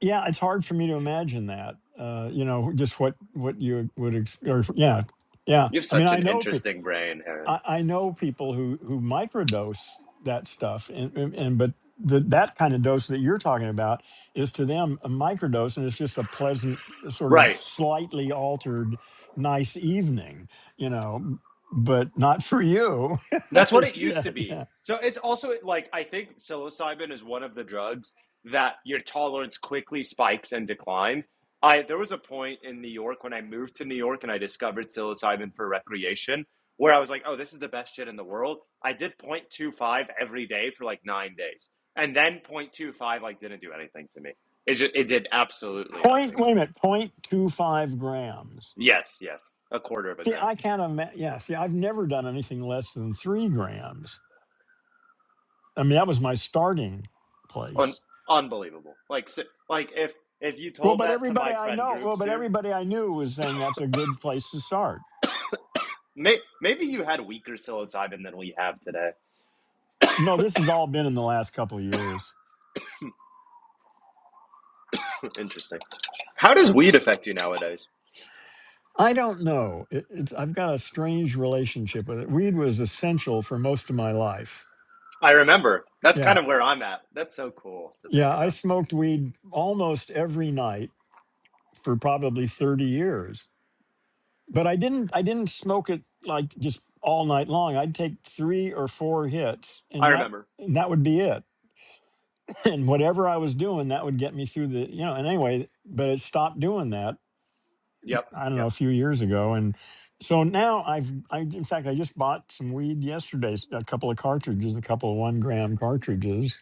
S1: yeah, it's hard for me to imagine that. Uh, you know, just what what you would ex- or yeah, yeah.
S2: You have
S1: I mean,
S2: such
S1: I
S2: an
S1: know people.
S2: interesting brain, Aaron.
S1: I, I know people who who microdose that stuff, and and, and but the, that kind of dose that you're talking about is to them a microdose, and it's just a pleasant, sort of
S2: Right.
S1: slightly altered, nice evening, you know. But not for you.
S2: That's what it used to
S1: Shit,
S2: be.
S1: yeah.
S2: So it's also like I think psilocybin is one of the drugs that your tolerance quickly spikes and declines. I there was a point in New York when I moved to New York and I discovered psilocybin for recreation where I was like, "Oh, this is the best shit in the world." I did 0.25 every day for like 9 days. And then 0.25 like didn't do anything to me. It just, it did absolutely
S1: Point.
S2: nothing
S1: Wait
S2: to
S1: a
S2: me.
S1: minute. Point two five grams.
S2: Yes, yes. A quarter of a
S1: See,
S2: gram.
S1: I can't imagine. Yeah. See, I've never done anything less than three grams. I mean, that was my starting place.
S2: Un- unbelievable. Like, si- like if if you
S1: Well,
S2: told
S1: but
S2: that to
S1: everybody
S2: my
S1: I
S2: friend
S1: know, well,
S2: groups
S1: but
S2: here,
S1: everybody I knew was saying that's a good place to start.
S2: may- maybe you had weaker psilocybin than we have today.
S1: No, this has all been in the last couple of years.
S2: Interesting. How does weed affect you nowadays?
S1: I don't know. It, it's I've got a strange relationship with it. Weed was essential for most of my life.
S2: I remember. That's kind
S1: Yeah,
S2: of where I'm at. That's so cool to think
S1: yeah, I
S2: about.
S1: smoked weed almost every night for probably thirty years, but I didn't. I didn't smoke it like just all night long. I'd take three or four hits,
S2: I
S1: and that
S2: remember.
S1: and that would be it. and whatever I was doing, that would get me through the, you know, and anyway, but it stopped doing that,
S2: Yep.
S1: I don't
S2: Yep.
S1: know, a few years ago. And so now I've, I, in fact, I just bought some weed yesterday, s- a couple of cartridges, a couple of one gram cartridges.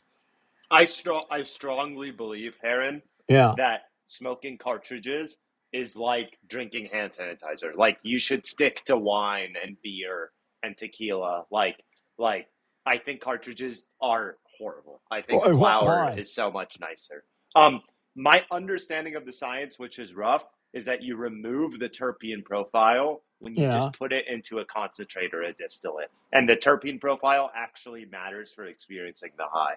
S2: I strong I strongly believe, Heron,
S1: Yeah.
S2: that smoking cartridges is like drinking hand sanitizer. Like you should stick to wine and beer and tequila. Like like I think cartridges are horrible. I think
S1: Wh- wh-
S2: flour
S1: Why?
S2: is so much nicer. Um my understanding of the science, which is rough, is that you remove the terpene profile when you
S1: Yeah.
S2: just put it into a concentrate or a distillate. And the terpene profile actually matters for experiencing the high.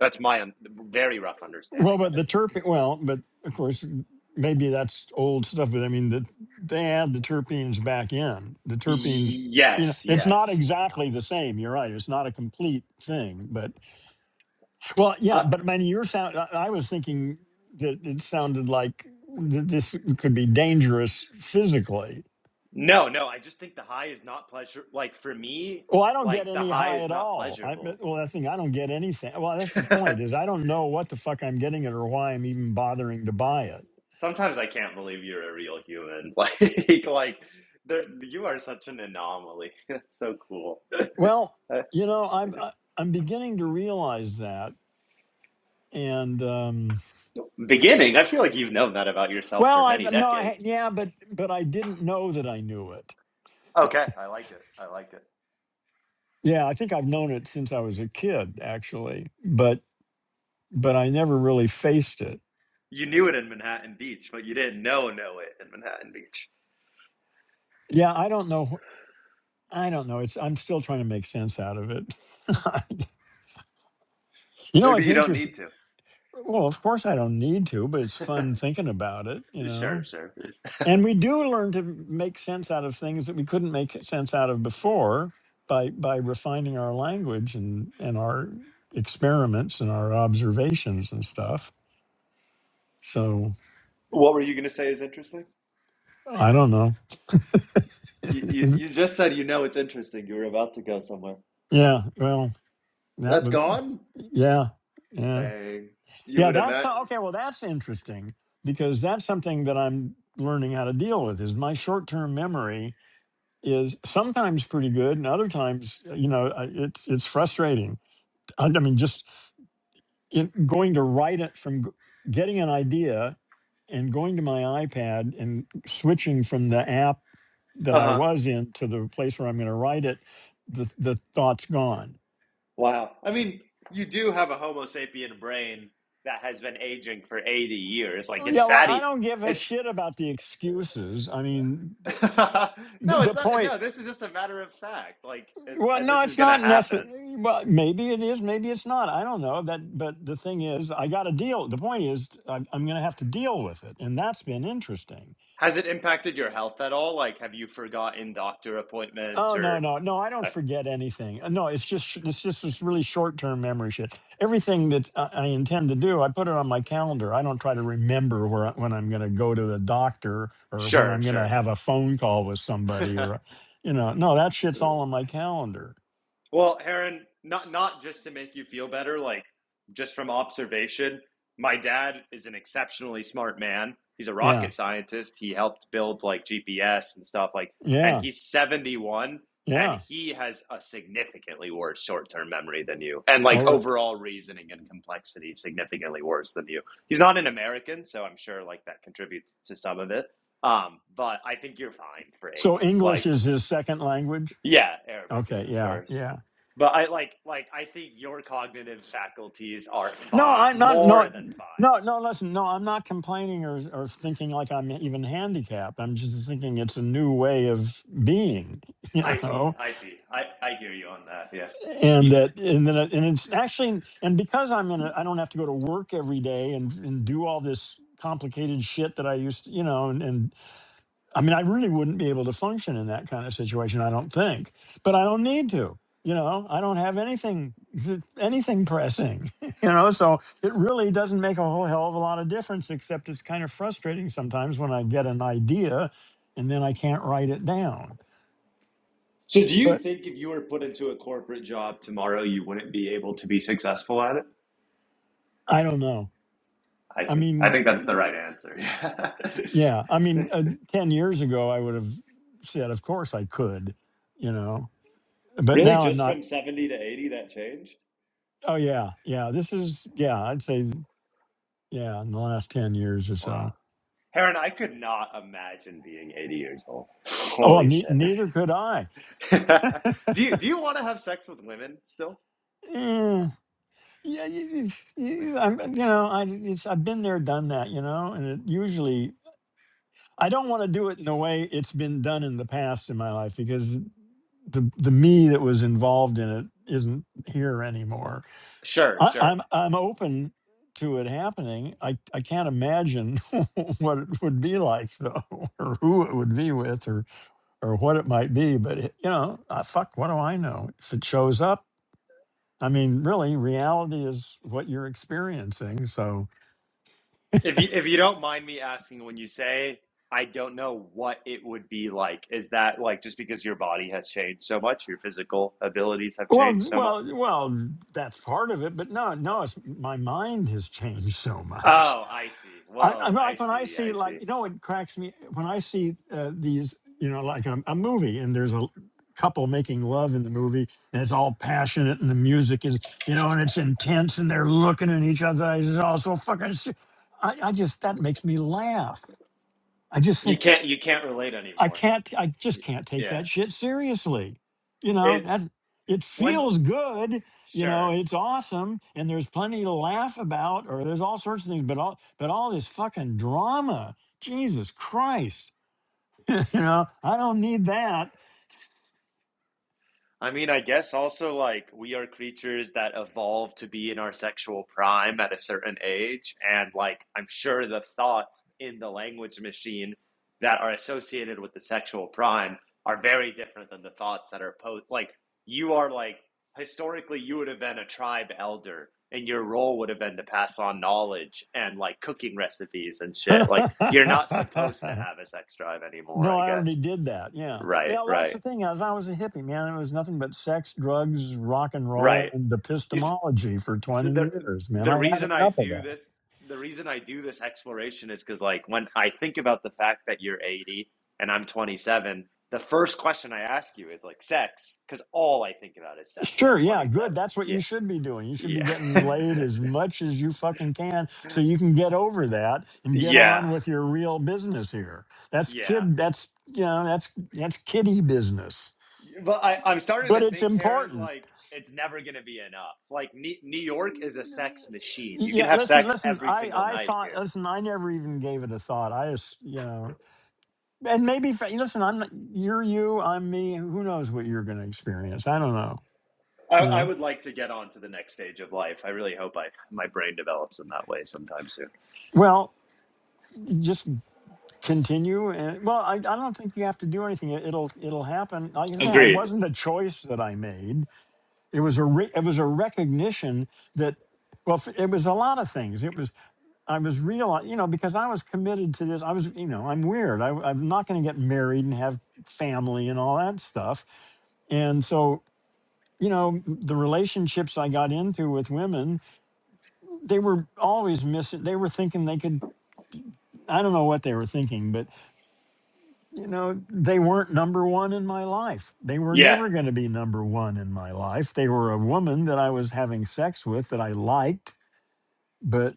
S2: That's my un- very rough
S1: Well,
S2: understanding of
S1: but
S2: it.
S1: the terpene, well, but of course, maybe that's old stuff, but I mean, the, they add the terpenes back in. The terpenes, you know,
S2: Yes,
S1: it's not
S2: yes.
S1: exactly the same. You're right. It's not a complete thing, but Well, yeah,
S2: Uh,
S1: but I mean, your sound. I I was thinking that it sounded like th- this could be dangerous physically.
S2: no, no. I just think the high is not pleasure. Like for me,
S1: Well, I don't get
S2: like the
S1: any
S2: high
S1: high
S2: is
S1: at
S2: not
S1: all. I
S2: pleasurable.
S1: well, I think I don't get anything. Well, that's the point is
S2: That's-
S1: I don't know what the fuck I'm getting it or why I'm even bothering to buy it.
S2: Sometimes I can't believe you're a real human. Like, like there, you are such an anomaly. That's so cool.
S1: Well,
S2: Uh,
S1: you know, I'm I- I'm beginning to realize that, and um,
S2: beginning, I feel like you've known that about yourself
S1: well,
S2: for many
S1: I've no, I ha-
S2: decades.
S1: yeah, but but I didn't know that I knew it.
S2: Okay, I like it. I like it.
S1: Yeah, I think I've known it since I was a kid, actually. But but I never really faced it.
S2: You knew it in Manhattan Beach, but you didn't know know it in Manhattan Beach.
S1: Yeah, I don't know. wh- I don't know. It's I'm still trying to make sense out of it. you know,
S2: Maybe
S1: it's
S2: you don't
S1: interesting.
S2: need to.
S1: Well, of course I don't need to, but it's fun thinking about it, you
S2: Sure,
S1: know.
S2: sure.
S1: And we do learn to make sense out of things that we couldn't make sense out of before by by refining our language and and our experiments and our observations and stuff. So,
S2: What were you going to say is interesting?
S1: I don't know.
S2: You, you you just said you know it's interesting. You were about to go somewhere.
S1: yeah, well, that
S2: That's
S1: would
S2: gone?
S1: yeah. yeah.
S2: Dang. You
S1: Yeah,
S2: would have
S1: that's
S2: met.
S1: so- okay. Well, that's interesting because that's something that I'm learning how to deal with. Is my short-term memory is sometimes pretty good, and other times, uh, you know, uh, it's it's frustrating. I, I mean, just in, going to write it from g- getting an idea and going to my iPad and switching from the app that I
S2: Uh-huh.
S1: was in to the place where I'm going to write it, the the thought's gone.
S2: Wow. I mean, you do have a Homo sapien brain that has been aging for 80 years. Like it's
S1: Yeah, well, I
S2: fatty.
S1: don't give a
S2: It
S1: shit about the excuses. I mean, th-
S2: No,
S1: the
S2: it's not.
S1: point.
S2: No, this is just a matter of fact. Like it,
S1: Well,
S2: I,
S1: no,
S2: this is
S1: it's
S2: going to
S1: not
S2: happen.
S1: necessary. Well, maybe it is, maybe it's not. I don't know. That, but the thing is, I got to deal. The point is, I'm, I'm going to have to deal with it, and that's been interesting.
S2: Has it impacted your health at all? Like have you forgotten doctor appointments
S1: Oh no,
S2: or
S1: no, no! I don't
S2: uh,
S1: forget anything. Uh, No, it's just sh- it's just this really short term memory shit. Everything that I I intend to do, I put it on my calendar. I don't try to remember where I- when I'm going to go to the doctor or when
S2: Sure,
S1: I'm going to
S2: sure.
S1: have a phone call with somebody or, you know, no, that shit's all on my calendar.
S2: Well, Aaron, not not just to make you feel better, like just from observation, my dad is an exceptionally smart man. He's a
S1: Yeah,
S2: rocket scientist. He helped build like GPS and stuff like and
S1: yeah,
S2: he's 71 and
S1: yeah.
S2: he has a significantly worse short-term memory than you and like
S1: Or
S2: overall reasoning and complexity significantly worse than you. He's not an American, so I'm sure like that contributes to some of it. Um, but I think you're fine for
S1: So
S2: 80.
S1: English
S2: Like
S1: is his second language?
S2: yeah, Arabic is
S1: Okay,
S2: his
S1: yeah,
S2: first.
S1: yeah.
S2: But I like like I think your cognitive faculties are
S1: No,
S2: fine,
S1: I'm not
S2: more
S1: no
S2: than fine.
S1: no no listen, no, I'm not complaining or or thinking like I'm even handicapped. I'm just thinking it's a new way of being, you
S2: I see.
S1: know.
S2: I see. I I hear you on that. Yeah.
S1: And
S2: You,
S1: that and then it- and it's actually and because I'm in a I don't have to go to work every day and and do all this complicated shit that I used to, you know, and, and I mean, I really wouldn't be able to function in that kind of situation, I don't think. But I don't need to. You know, I don't have anything anything pressing, you know, so it really doesn't make a whole hell of a lot of difference except it's kind of frustrating sometimes when I get an idea and then I can't write it down.
S2: so do you
S1: But
S2: think if you were put into a corporate job tomorrow, you wouldn't be able to be successful at it?
S1: I don't know.
S2: I
S1: I
S2: see. I
S1: mean,
S2: think that's the
S1: y-
S2: right answer.
S1: yeah, I
S2: Yeah.
S1: mean, uh, 10 years ago I would have said of course I could, you know. But
S2: Really,
S1: now I'm
S2: just from
S1: not
S2: 70 to 80, that changed?
S1: Oh yeah, yeah. This is yeah. I'd say Yeah, in the last 10 years or
S2: wow.
S1: so.
S2: Heron, I could not imagine being 80 years old.
S1: Oh, well,
S2: Holy
S1: ne-
S2: shit.
S1: neither could I.
S2: do you do you want to have sex with women still?
S1: Eh, yeah, you, you, you- I'm, you know, I, it's, I've been there, done that, you know, and it usually, I don't want to do it in the way it's been done in the past in my life because the, the me that was involved in it isn't here anymore.
S2: Sure,
S1: I,
S2: sure.
S1: I'm, I'm open to it happening. I, I can't imagine what it would be like though, or who it would be with, or or what it might be. But it, you know, uh, fuck, what do I know? If it shows up, I mean, really, reality is what you're experiencing. So,
S2: If you if you don't mind me asking, when you say I don't know what it would be like, is that like just because your body has changed so much, your physical abilities have
S1: well,
S2: changed so much?
S1: well, well, that's part of it. But no, no, it's my mind has changed so much.
S2: Oh, I see.
S1: I, I
S2: Whoa, I
S1: like when I
S2: see. I
S1: see like
S2: see.
S1: you know it cracks me when I see uh, these you know like a, a movie and there's a l- couple making love in the movie and it's all passionate and the music is you know and it's intense and they're looking in each other's eyes it's all so fucking se- I, I just that makes me laugh I just
S2: You
S1: think
S2: can't you can't relate
S1: I
S2: anymore.
S1: can't, I just can't take
S2: Yeah.
S1: that shit seriously. You know,
S2: Is
S1: that's, it
S2: when
S1: feels good, you know,
S2: sure.
S1: it's awesome. And there's plenty to laugh about, or there's all sorts of things, but all, but all this fucking drama, Jesus Christ, you know, I don't need that.
S2: I mean, I guess also like we are creatures that evolve to be in our sexual prime at a certain age. And like, I'm sure the thoughts in the language machine that are associated with the sexual prime are very different than the thoughts that are post. Like, you are like, historically, you would have been a tribe elder, and your role would have been to pass on knowledge and like cooking recipes and shit. Like, you're not supposed to have a sex drive anymore,
S1: no,
S2: I
S1: I already
S2: guess.
S1: did that. Yeah.
S2: Right,
S1: Well, that's
S2: right,
S1: the thing. As I was a hippie, man, it was nothing but sex, drugs, rock and roll,
S2: right.
S1: and
S2: You,
S1: epistemology for
S2: so the
S1: 20 years, man.
S2: the
S1: I had
S2: reason I
S1: enough of
S2: do
S1: that.
S2: this, the reason I do this exploration is because like when I think about the fact that you're 80 and I'm 27, the first question I ask you is like sex, because all I think about is sex
S1: Sure,
S2: at
S1: yeah,
S2: 27.
S1: good. That's what
S2: Yeah,
S1: you should be doing. You should be
S2: yeah,
S1: getting laid as much as you fucking can so you can get over that and get
S2: yeah,
S1: on with your real business here. That's
S2: yeah.
S1: kid that's you know, that's that's kiddie business.
S2: But I, I'm starting to
S1: But it's
S2: think, Heron,
S1: important.
S2: like it's never gonna be enough. Like New, New York is a sex machine. You can
S1: Yeah,
S2: have
S1: listen,
S2: sex
S1: listen,
S2: every
S1: I
S2: single
S1: I
S2: night
S1: thought
S2: here.
S1: listen, I never even gave it a thought. I just, you know, and maybe fa- listen, I'm not- you're you, I'm me. Who knows what you're going to experience? I don't know,
S2: I,
S1: you
S2: I
S1: know.
S2: would like to get on to the next stage of life. I really hope I my brain develops in that way sometime soon.
S1: Well, just. continue and well I, I don't think you have to do anything It- it'll it'll happen like i say it
S2: Agreed.
S1: wasn't a choice that i made it was a re, it was a recognition that well f- it was a lot of things it was i was real you know because i was committed to this i was you know i'm weird I, i'm not going to get married and have family and all that stuff and so you know the relationships i got into with women they were always missing they were thinking they could i don't know what they were thinking but you know, they weren't number one in my life. They were
S2: Yeah.
S1: never going to be number one in my life. They were a woman that I was having sex with that I liked, but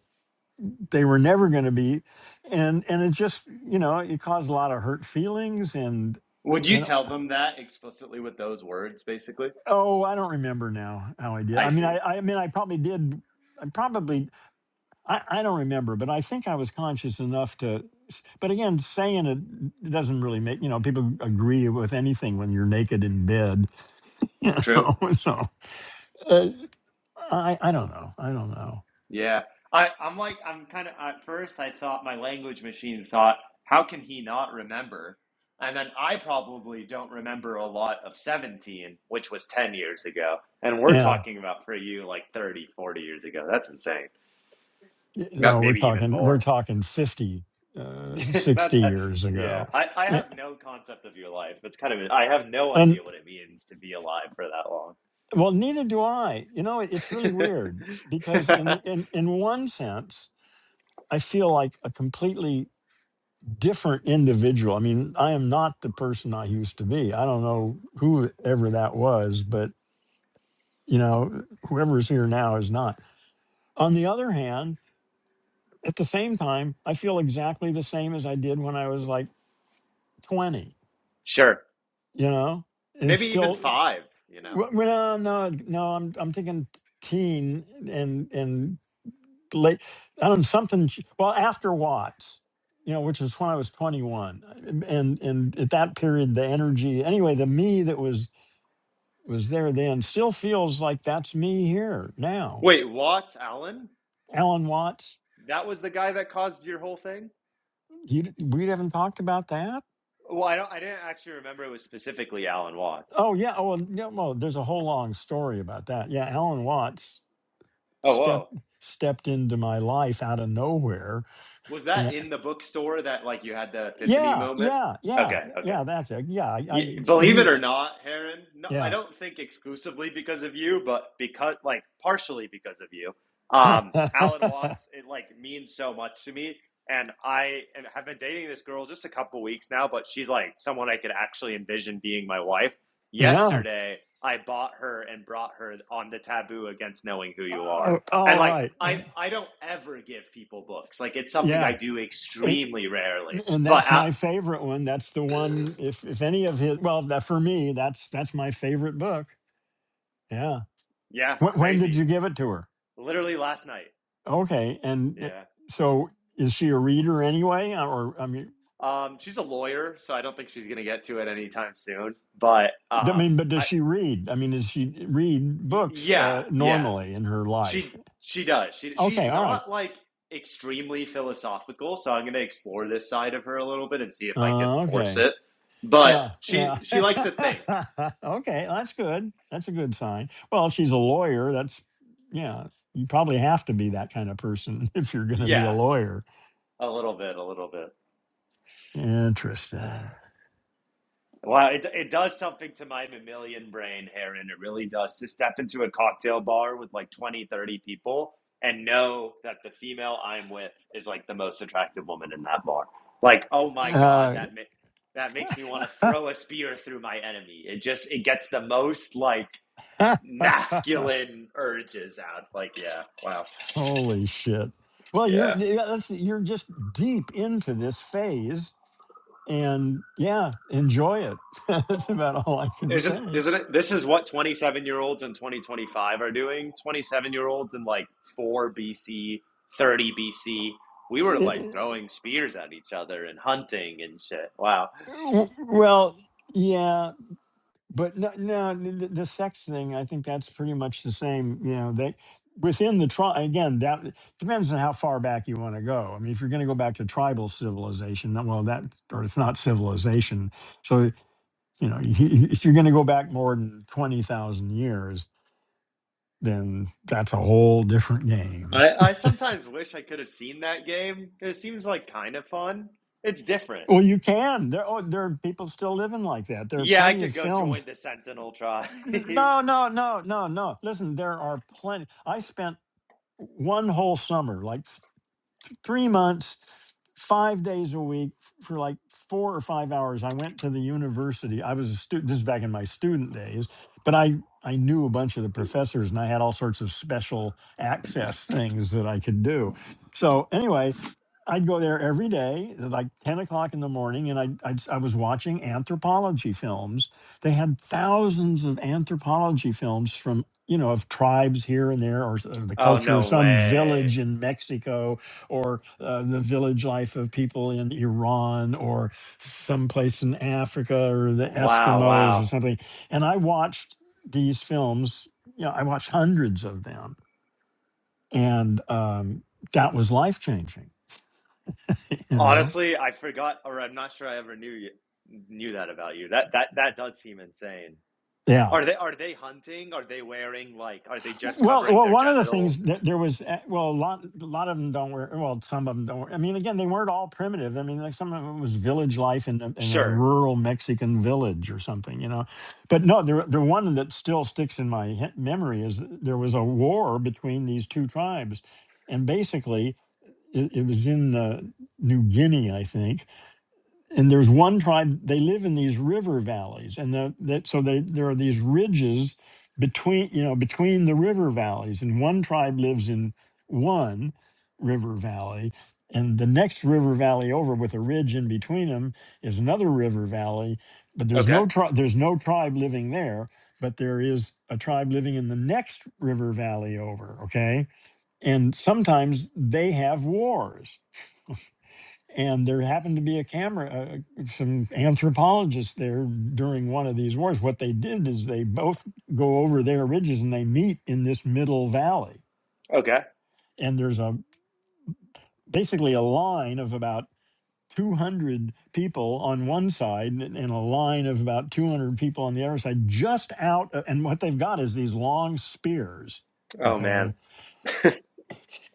S1: they were never going to be. And and it just, you know, it caused a lot of hurt feelings and
S2: Would you
S1: and
S2: tell them that explicitly with those words, basically?
S1: oh, I don't remember now how I did.
S2: I
S1: I mean,
S2: see.
S1: I I mean, I probably did. I probably I, I don't remember, but I think I was conscious enough to. But again, saying it doesn't really make you know people agree with anything when you're naked in bed You
S2: True.
S1: know, so uh, I I don't know. I don't know.
S2: Yeah. I, I'm like, I'm kind of, at first I thought my language machine thought, how can he not remember? And then I probably don't remember a lot of 17, which was 10 years ago. And we're
S1: Yeah.
S2: talking about for you like 30, 40 years ago. That's insane.
S1: Y-
S2: Yep,
S1: No, we're
S2: Maybe even
S1: talking we're
S2: more.
S1: talking 50, uh,
S2: That's
S1: 60
S2: uh,
S1: years
S2: yeah.
S1: ago.
S2: I I
S1: Yeah.
S2: have no concept of your life. That's kind of I have no idea
S1: Um,
S2: what it means to be alive for that long.
S1: well, neither do I. You know, it's really weird because in in in one sense, I feel like a completely different individual. I mean, I am not the person I used to be. I don't know whoever that was, but you know, whoever's here now is not. On the other hand, At the same time, I feel exactly the same as I did when I was like 20,
S2: Sure.
S1: you know? It's
S2: Maybe even
S1: still
S2: five, you know.
S1: w- well, no, no, no, I'm I'm thinking teen and and late I don't know, something sh- well after Watts, you know, which is when I was 21. And and at that period the energy anyway, the me that was was there then still feels like that's me here now.
S2: Wait, what, Alan?
S1: Alan Watts,
S2: That was the guy that caused your whole thing?
S1: you d- we haven't talked about that?
S2: Well, I don't I didn't actually remember it was specifically Alan Watts.
S1: Oh yeah. Oh well, no, well, there's a whole long story about that. Yeah, Alan Watts
S2: Oh, whoa.
S1: stepped stepped into my life out of nowhere,
S2: Was that
S1: and
S2: in the bookstore that like you had the epiphany
S1: yeah,
S2: moment?
S1: yeah, yeah,
S2: Okay, okay.
S1: yeah. That's it. Yeah, I, I
S2: Y believe it
S1: you,
S2: or not, Heron, no, I
S1: yeah,
S2: don't think exclusively because of you, but because, like, partially because of you. Um, Alan Watts, it like means so much to me, and I and have been dating this girl just a couple weeks now, but she's like someone I could actually envision being my wife.
S1: yeah.
S2: Yesterday, I bought her and brought her on the taboo against knowing who you are,
S1: Oh, all
S2: and like
S1: right.
S2: I
S1: Uh,
S2: I don't ever give people books, like it's something I
S1: yeah.
S2: do
S1: It,
S2: extremely rarely,
S1: and
S2: but
S1: that's
S2: uh,
S1: my favorite one. That's the one. If if any of his, well, that for me, that's that's my favorite book. Yeah.
S2: yeah,
S1: When, when did
S2: crazy.
S1: you give it to her?
S2: Literally last night.
S1: Okay, and uh,
S2: Yeah.
S1: so is she a reader anyway, Uh, or I mean,
S2: Um, she's a lawyer, so I don't think she's going to get to it anytime soon. But
S1: d- I
S2: um,
S1: mean, but does
S2: I,
S1: she read? I mean, does she read
S2: y-
S1: books
S2: yeah,
S1: uh,
S2: yeah,
S1: normally in her life?
S2: she she does. She she's
S1: Okay, all right,
S2: not like extremely philosophical, so I'm going to explore this side of her a little bit and see if I can
S1: uh,
S2: force
S1: okay,
S2: it. But
S1: yeah, yeah,
S2: she she likes to think.
S1: okay, that's good. That's a good sign. Well, she's a lawyer. That's yeah. You probably have to be that kind of person if you're going to be a
S2: Yeah,
S1: lawyer.
S2: a little bit, a little bit.
S1: Interesting.
S2: Wow, it, it does something to my mammalian brain, Aaron. It really does. To step into a cocktail bar with like 20, 30 people and know that the female I'm with is like the most attractive woman in that bar. Like, oh my God,
S1: Uh,
S2: that ma- that makes me want to throw a spear through my enemy. It just it gets the most like masculine urges out. Like, yeah, wow.
S1: Holy shit. Well, you're
S2: yeah.
S1: yeah, that's, you're just deep into this phase and yeah, enjoy it. that's about all I can
S2: Isn't
S1: say.
S2: isn't it? This is what twenty seven year olds in twenty twenty five are doing. Twenty seven year olds in like four BC, thirty BC. We were like
S1: Eh,
S2: throwing spears at each other and hunting and shit. Wow.
S1: w- Well, yeah, but no, no the, the sex thing, I think that's pretty much the same, you know, they within the tribe again that depends on how far back you want to go i mean if you're going to go back to tribal civilization then- well that or it's not civilization so you know if you're going to go back more than 20000 years then that's a whole different game.
S2: I, I sometimes wish I could have seen that game. It seems like kind of fun. It's different.
S1: Well, you can. There, oh, there are people still living like that. There are
S2: Yeah, I
S1: plenty
S2: could
S1: of
S2: go join
S1: films.
S2: the Sentinel tribe.
S1: No, no, no, no, no. Listen, there are plenty. I spent one whole summer, like th- three months five days a week for like four or five hours i went to the university i was a student this is back in my student days but i i knew a bunch of the professors and i had all sorts of special access things that i could do so anyway i'd go there every day at like 10 o'clock in the morning and i i i was watching anthropology films they had thousands of anthropology films from you know of tribes here and there or s- the
S2: oh
S1: culture of
S2: no
S1: some
S2: way.
S1: village in mexico or uh, the village life of people in Iran or someplace in Africa or the
S2: Wow,
S1: Eskimos
S2: wow.
S1: or something. And I watched these films, you know, I watched hundreds of them. And um, that was life changing, you know?
S2: Honestly, I forgot or I'm not sure I ever knew you, knew that about you. That that that does seem insane.
S1: Yeah.
S2: Are they are they hunting? Are they wearing like are they just
S1: Well,
S2: covering
S1: well,
S2: their
S1: one of the things
S2: genitals?
S1: that there was, uh, well, a lot, a lot of them don't wear. Well, some of them don't. Wear, I mean, again, they weren't all primitive. I mean, like some of them was village life in a, in a
S2: Sure.
S1: rural Mexican village or something, you know. But no, the the one that still sticks in my he- memory is there was a war between these two tribes, and basically it, it was in uh, New Guinea, I think, and there's one tribe they live in these river valleys and the, that so they, there are these ridges between you know between the river valleys and one tribe lives in one river valley and the next river valley over with a ridge in between them is another river valley but there's
S2: Okay.
S1: no tri- there's no tribe living there but there is a tribe living in the next river valley over okay and sometimes they have wars and there happened to be a camera uh, uh, some anthropologists there during one of these wars what they did is they both go over their ridges and they meet in this middle valley
S2: Okay.
S1: and there's a basically a line of about 200 people on one side and and a line of about 200 people on the other side just out uh, and what they've got is these long spears
S2: Oh
S1: okay
S2: man.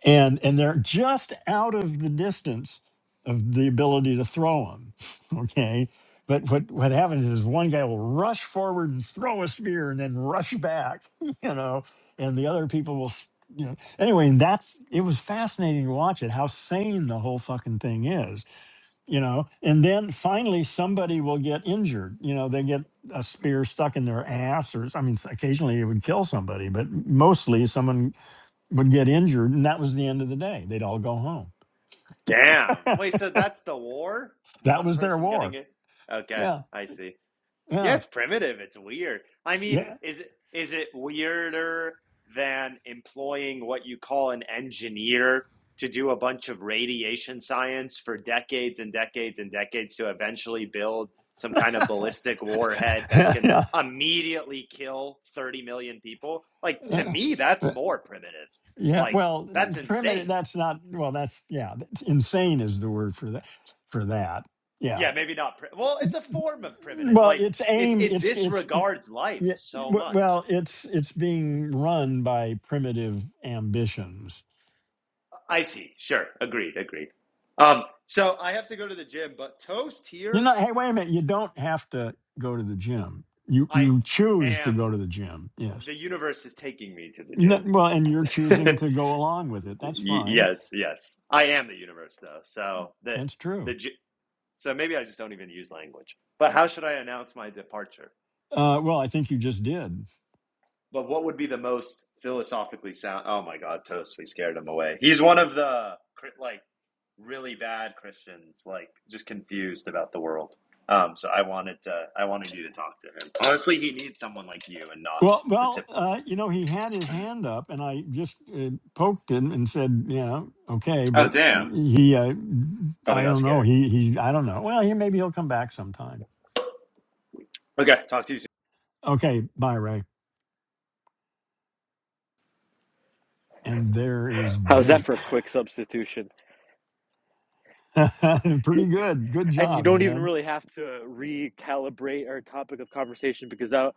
S1: and and they're just out of the distance of the ability to throw them okay but what what happens is one guy will rush forward and throw a spear and then rush back you know and the other people will s- you know anyway and that's it was fascinating to watch it how sane the whole fucking thing is you know and then finally somebody will get injured you know they get a spear stuck in their ass or s- i mean s- occasionally it would kill somebody but mostly someone would get injured, and that was the end of the day. They'd all go home.
S2: Damn. Wait, so that's the war?
S1: That
S2: One
S1: was their
S2: person getting
S1: war.
S2: it? Okay,
S1: Yeah,
S2: I see. Yeah,
S1: yeah,
S2: it's primitive. It's weird. I mean,
S1: yeah,
S2: is it is it weirder than employing what you call an engineer to do a bunch of radiation science for decades and decades and decades to eventually build some kind of ballistic warhead that
S1: yeah,
S2: can
S1: yeah,
S2: immediately kill 30 million people? Like to
S1: yeah.
S2: me, that's
S1: Uh,
S2: more primitive.
S1: yeah,
S2: Like
S1: Well,
S2: that's
S1: primitive.
S2: insane.
S1: That's not. Well, that's yeah. that's- Insane is the word for that. For that. Yeah.
S2: Yeah, maybe not. Pri- well, it's a form of primitive.
S1: Well,
S2: Like
S1: it's
S2: it
S1: aimed.
S2: it
S1: It's it's
S2: disregards life
S1: yeah,
S2: so
S1: w-
S2: much.
S1: well, it's it's being run by primitive ambitions.
S2: I see. Sure. Agreed. Agreed. Um, so I have to go to the gym, but toast
S1: You
S2: here,
S1: know. Hey, wait a minute. You don't have to go to the gym. You
S2: I
S1: you choose to go
S2: am.
S1: to the gym. Yes
S2: The universe is taking me to the
S1: No, well, and you're
S2: gym.
S1: choosing to go along with it. That's fine.
S2: yes, yes. I am the universe though. So the
S1: That's
S2: the
S1: true.
S2: so maybe I just don't even use language. But how should I announce my departure?
S1: Uh, well, I think you just did.
S2: But what would be the most philosophically sound? Oh my God, Toast, we scared him away. He's one of the like really bad Christians, like just confused about the world. Um, so I wanted to, I wanted you to talk to him. Honestly, he needs someone like you and not
S1: Well,
S2: the
S1: well,
S2: tip.
S1: uh, you know, he had his hand up, and I just uh, poked him and said, "Yeah, okay,"
S2: Oh
S1: but
S2: damn,
S1: he, uh,
S2: probably
S1: I
S2: got
S1: don't know.
S2: scared.
S1: He, he, I don't know. Well, he maybe he'll come back sometime.
S2: Okay, talk to you soon.
S1: Okay, bye, Ray. And there is
S3: How's that
S1: Jake.
S3: for a quick substitution?
S1: Pretty good. Good
S3: And you
S1: job,
S3: don't even
S1: man.
S3: really have to recalibrate our topic of conversation because I,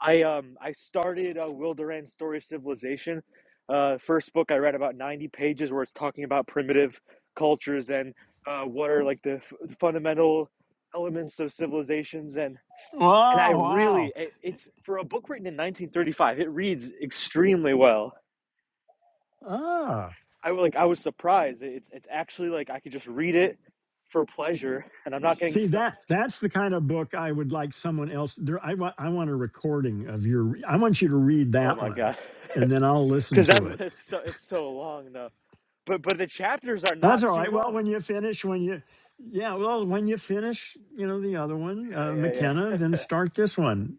S3: I um I started uh, Will Durant's story Civilization, uh, first book I read about ninety pages where it's talking about primitive cultures and uh, what are like the f- fundamental elements of civilizations and and I
S1: Wow,
S3: really
S1: wow.
S3: it, it's for a book written in 1935 it reads extremely well
S1: Ah.
S3: I like I was surprised. It's it's actually like I could just read it for pleasure, and I'm not getting
S1: See
S3: stuck.
S1: that that's the kind of book I would like someone else there I want I want a recording of your I want you to read
S3: Oh
S1: that
S3: my
S1: one
S3: god,
S1: and then I'll listen
S3: because that's
S1: to it.
S3: it's so it's so long though. But but the chapters are
S1: That's
S3: not
S1: all
S3: too
S1: right. Well,
S3: long.
S1: when you finish when you yeah, well, when you finish, you know, the other one, uh,
S3: Yeah yeah yeah.
S1: McKenna, then start this one.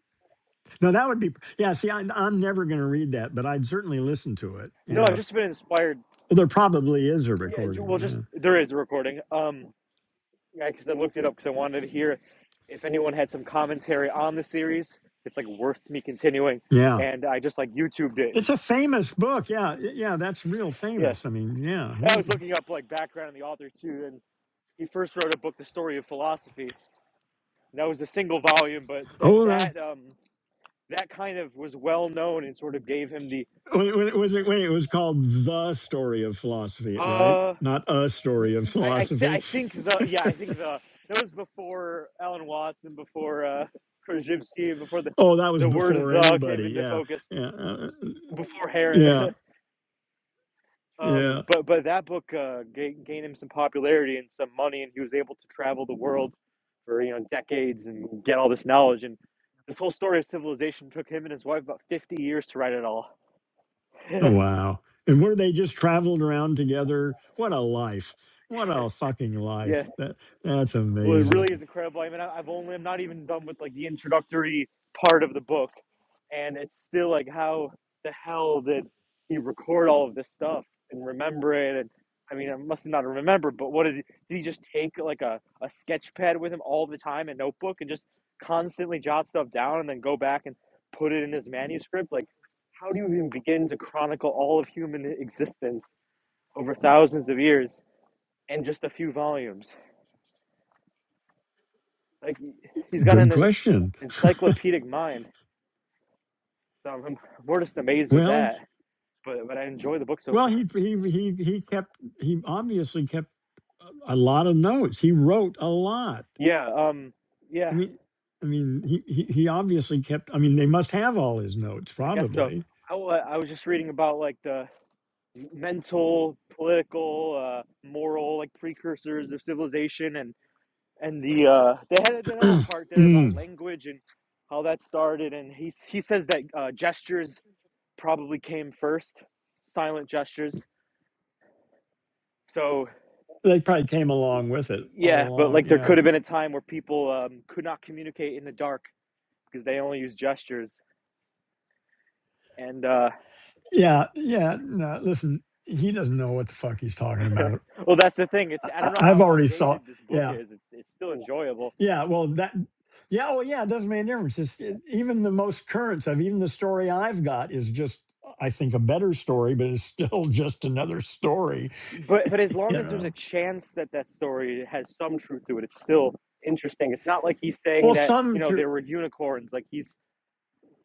S1: No, that would be Yeah, see I I'm never going to read that, but I'd certainly listen to it.
S3: No, I've
S1: Yeah.
S3: just been inspired.
S1: Well, there probably is a
S3: Yeah, well, just
S1: recording.
S3: there is a recording. Um, yeah, because I looked it up because I wanted to hear if anyone had some commentary on the series. It's like worth me continuing,
S1: Yeah. Yeah.
S3: and I just like YouTubed it. And
S1: It's a famous book. Yeah. Yeah, that's real
S3: yeah,
S1: famous. I mean, yeah.
S3: I was
S1: Holy.
S3: looking up like background on the author too, and he first wrote a book, The Story of Philosophy, That was a single volume, but that
S1: Oh,
S3: that um that kind of was well known and sort of gave him the
S1: Wait, wait, was it? Wait, it was called the story of philosophy, right?
S3: uh
S1: Not a
S3: y-
S1: story of
S3: I I, th- I
S1: philosophy.
S3: think the yeah I think the that was before Alan Watts and before uh Krzyzewski and before the
S1: Oh, that was
S3: the word
S1: before
S3: the came
S1: anybody.
S3: into
S1: Yeah,
S3: focus
S1: yeah, uh,
S3: before
S1: yeah,
S3: Heron. um
S1: yeah.
S3: but but that book uh ga gained him some popularity and some money and he was able to travel the world for you know decades and get all this knowledge and this whole story of civilization took him and his wife about 50 years to write it all
S1: Oh, Wow. And where they just traveled around together. What a life! What a fucking
S3: Yeah.
S1: life! That that's
S3: Well, it really is
S1: amazing.
S3: incredible. I mean, I- I've only, I'm not even done with like the introductory part of the book. And it's still like, how the hell did he record all of this stuff and remember it? And I mean, I must not remember, but what did he, did he just take like a, a sketch pad with him all the time, a notebook, and just constantly jot stuff down and then go back and put it in his manuscript? Like, how do you even begin to chronicle all of human existence over thousands of years in just a few volumes? Like he's got an
S1: Good
S3: uh,
S1: question.
S3: encyclopedic mind. So I'm, I'm just amazed with
S1: Well,
S3: that. But but I enjoy the book so
S1: well,
S3: far.
S1: he he he he kept he obviously kept a a lot of notes. He wrote a lot.
S3: Yeah. Um.
S1: I
S3: Yeah.
S1: mean, I mean, he, he he obviously kept. I mean, they must have all his notes,
S3: I guess so.
S1: probably.
S3: I, I was just reading about like the mental, political, uh, moral like precursors of civilization, and and the uh, they had the little part there about
S1: Mm.
S3: language and how that started. And he he says that uh, gestures probably came first, silent gestures. So
S1: They probably came along with it all
S3: Yeah, but
S1: along.
S3: like there
S1: Yeah,
S3: could have been a time where people um, could not communicate in the dark because they only use gestures. And uh,
S1: yeah, yeah. No, listen, he doesn't know what the fuck he's talking about.
S3: well, that's the thing. It's
S1: I,
S3: I don't
S1: I-
S3: know
S1: I've
S3: how
S1: already saw.
S3: outdated this book
S1: Yeah,
S3: is. It's it's still enjoyable,
S1: yeah. Well, that. Yeah, well, yeah. It doesn't make a difference. It's, it, even the most current stuff, even the story I've got is just, I think, a better story, but it's still just another story.
S3: but but as long
S1: You
S3: as there's a
S1: know.
S3: chance that that story has some truth to it, it's still interesting. It's not like he's saying
S1: Well,
S3: that you
S1: some.
S3: know there were unicorns. Like he's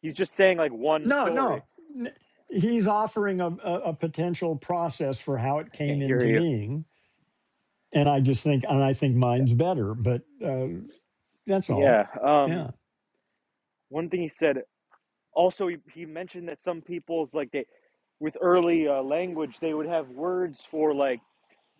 S3: he's just saying like one
S1: No,
S3: story.
S1: no. N- He's offering a, a, a potential process for how it
S3: I
S1: came
S3: can't hear
S1: into
S3: you.
S1: being, and I just think, and I think mine's better. But uh, that's all.
S3: Yeah. Um.
S1: Yeah,
S3: One thing he said. Also, he, he mentioned that some people's like they, with early uh, language, they would have words for like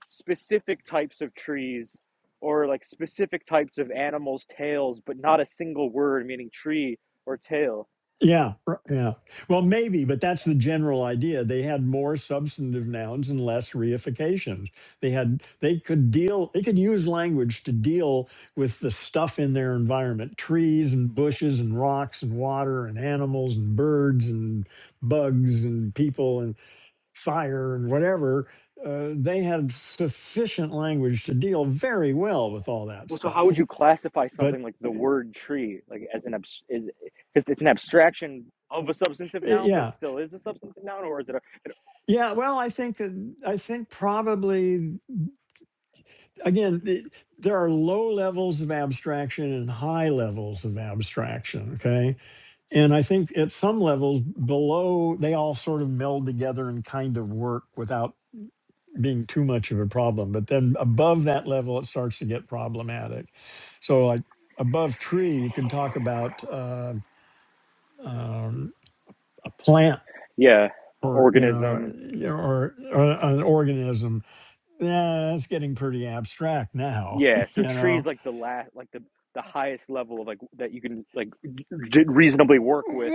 S3: specific types of trees or like specific types of animals' tails, but not a single word meaning tree or tail.
S1: yeah, r- yeah. Well, maybe, but that's the general idea. They had more substantive nouns and less reifications. They had they could deal. They could use language to deal with the stuff in their environment: trees and bushes and rocks and water and animals and birds and bugs and people and fire and whatever, uh, they had sufficient language to deal very well with all that
S3: Well, so how would
S1: stuff.
S3: you classify something
S1: But
S3: like the word tree, like as an abs- is because it's an abstraction of a substantive
S1: uh,
S3: noun, but it
S1: yeah,
S3: still is a substantive noun, or is it a, an
S1: yeah. Well, I think that- I think probably again the, there are low levels of abstraction and high levels of abstraction. Okay, and I think at some levels below, they all sort of meld together and kind of work without being too much of a problem. But then above that level, it starts to get problematic. So, like above tree, you can talk about uh, um, a plant
S3: yeah
S1: or you know
S3: organism?
S1: y- or, or an organism. Yeah, that's getting pretty abstract now.
S3: Yeah, so
S1: you
S3: trees
S1: know,
S3: like the last, like the the highest level of like that you can like d- reasonably work with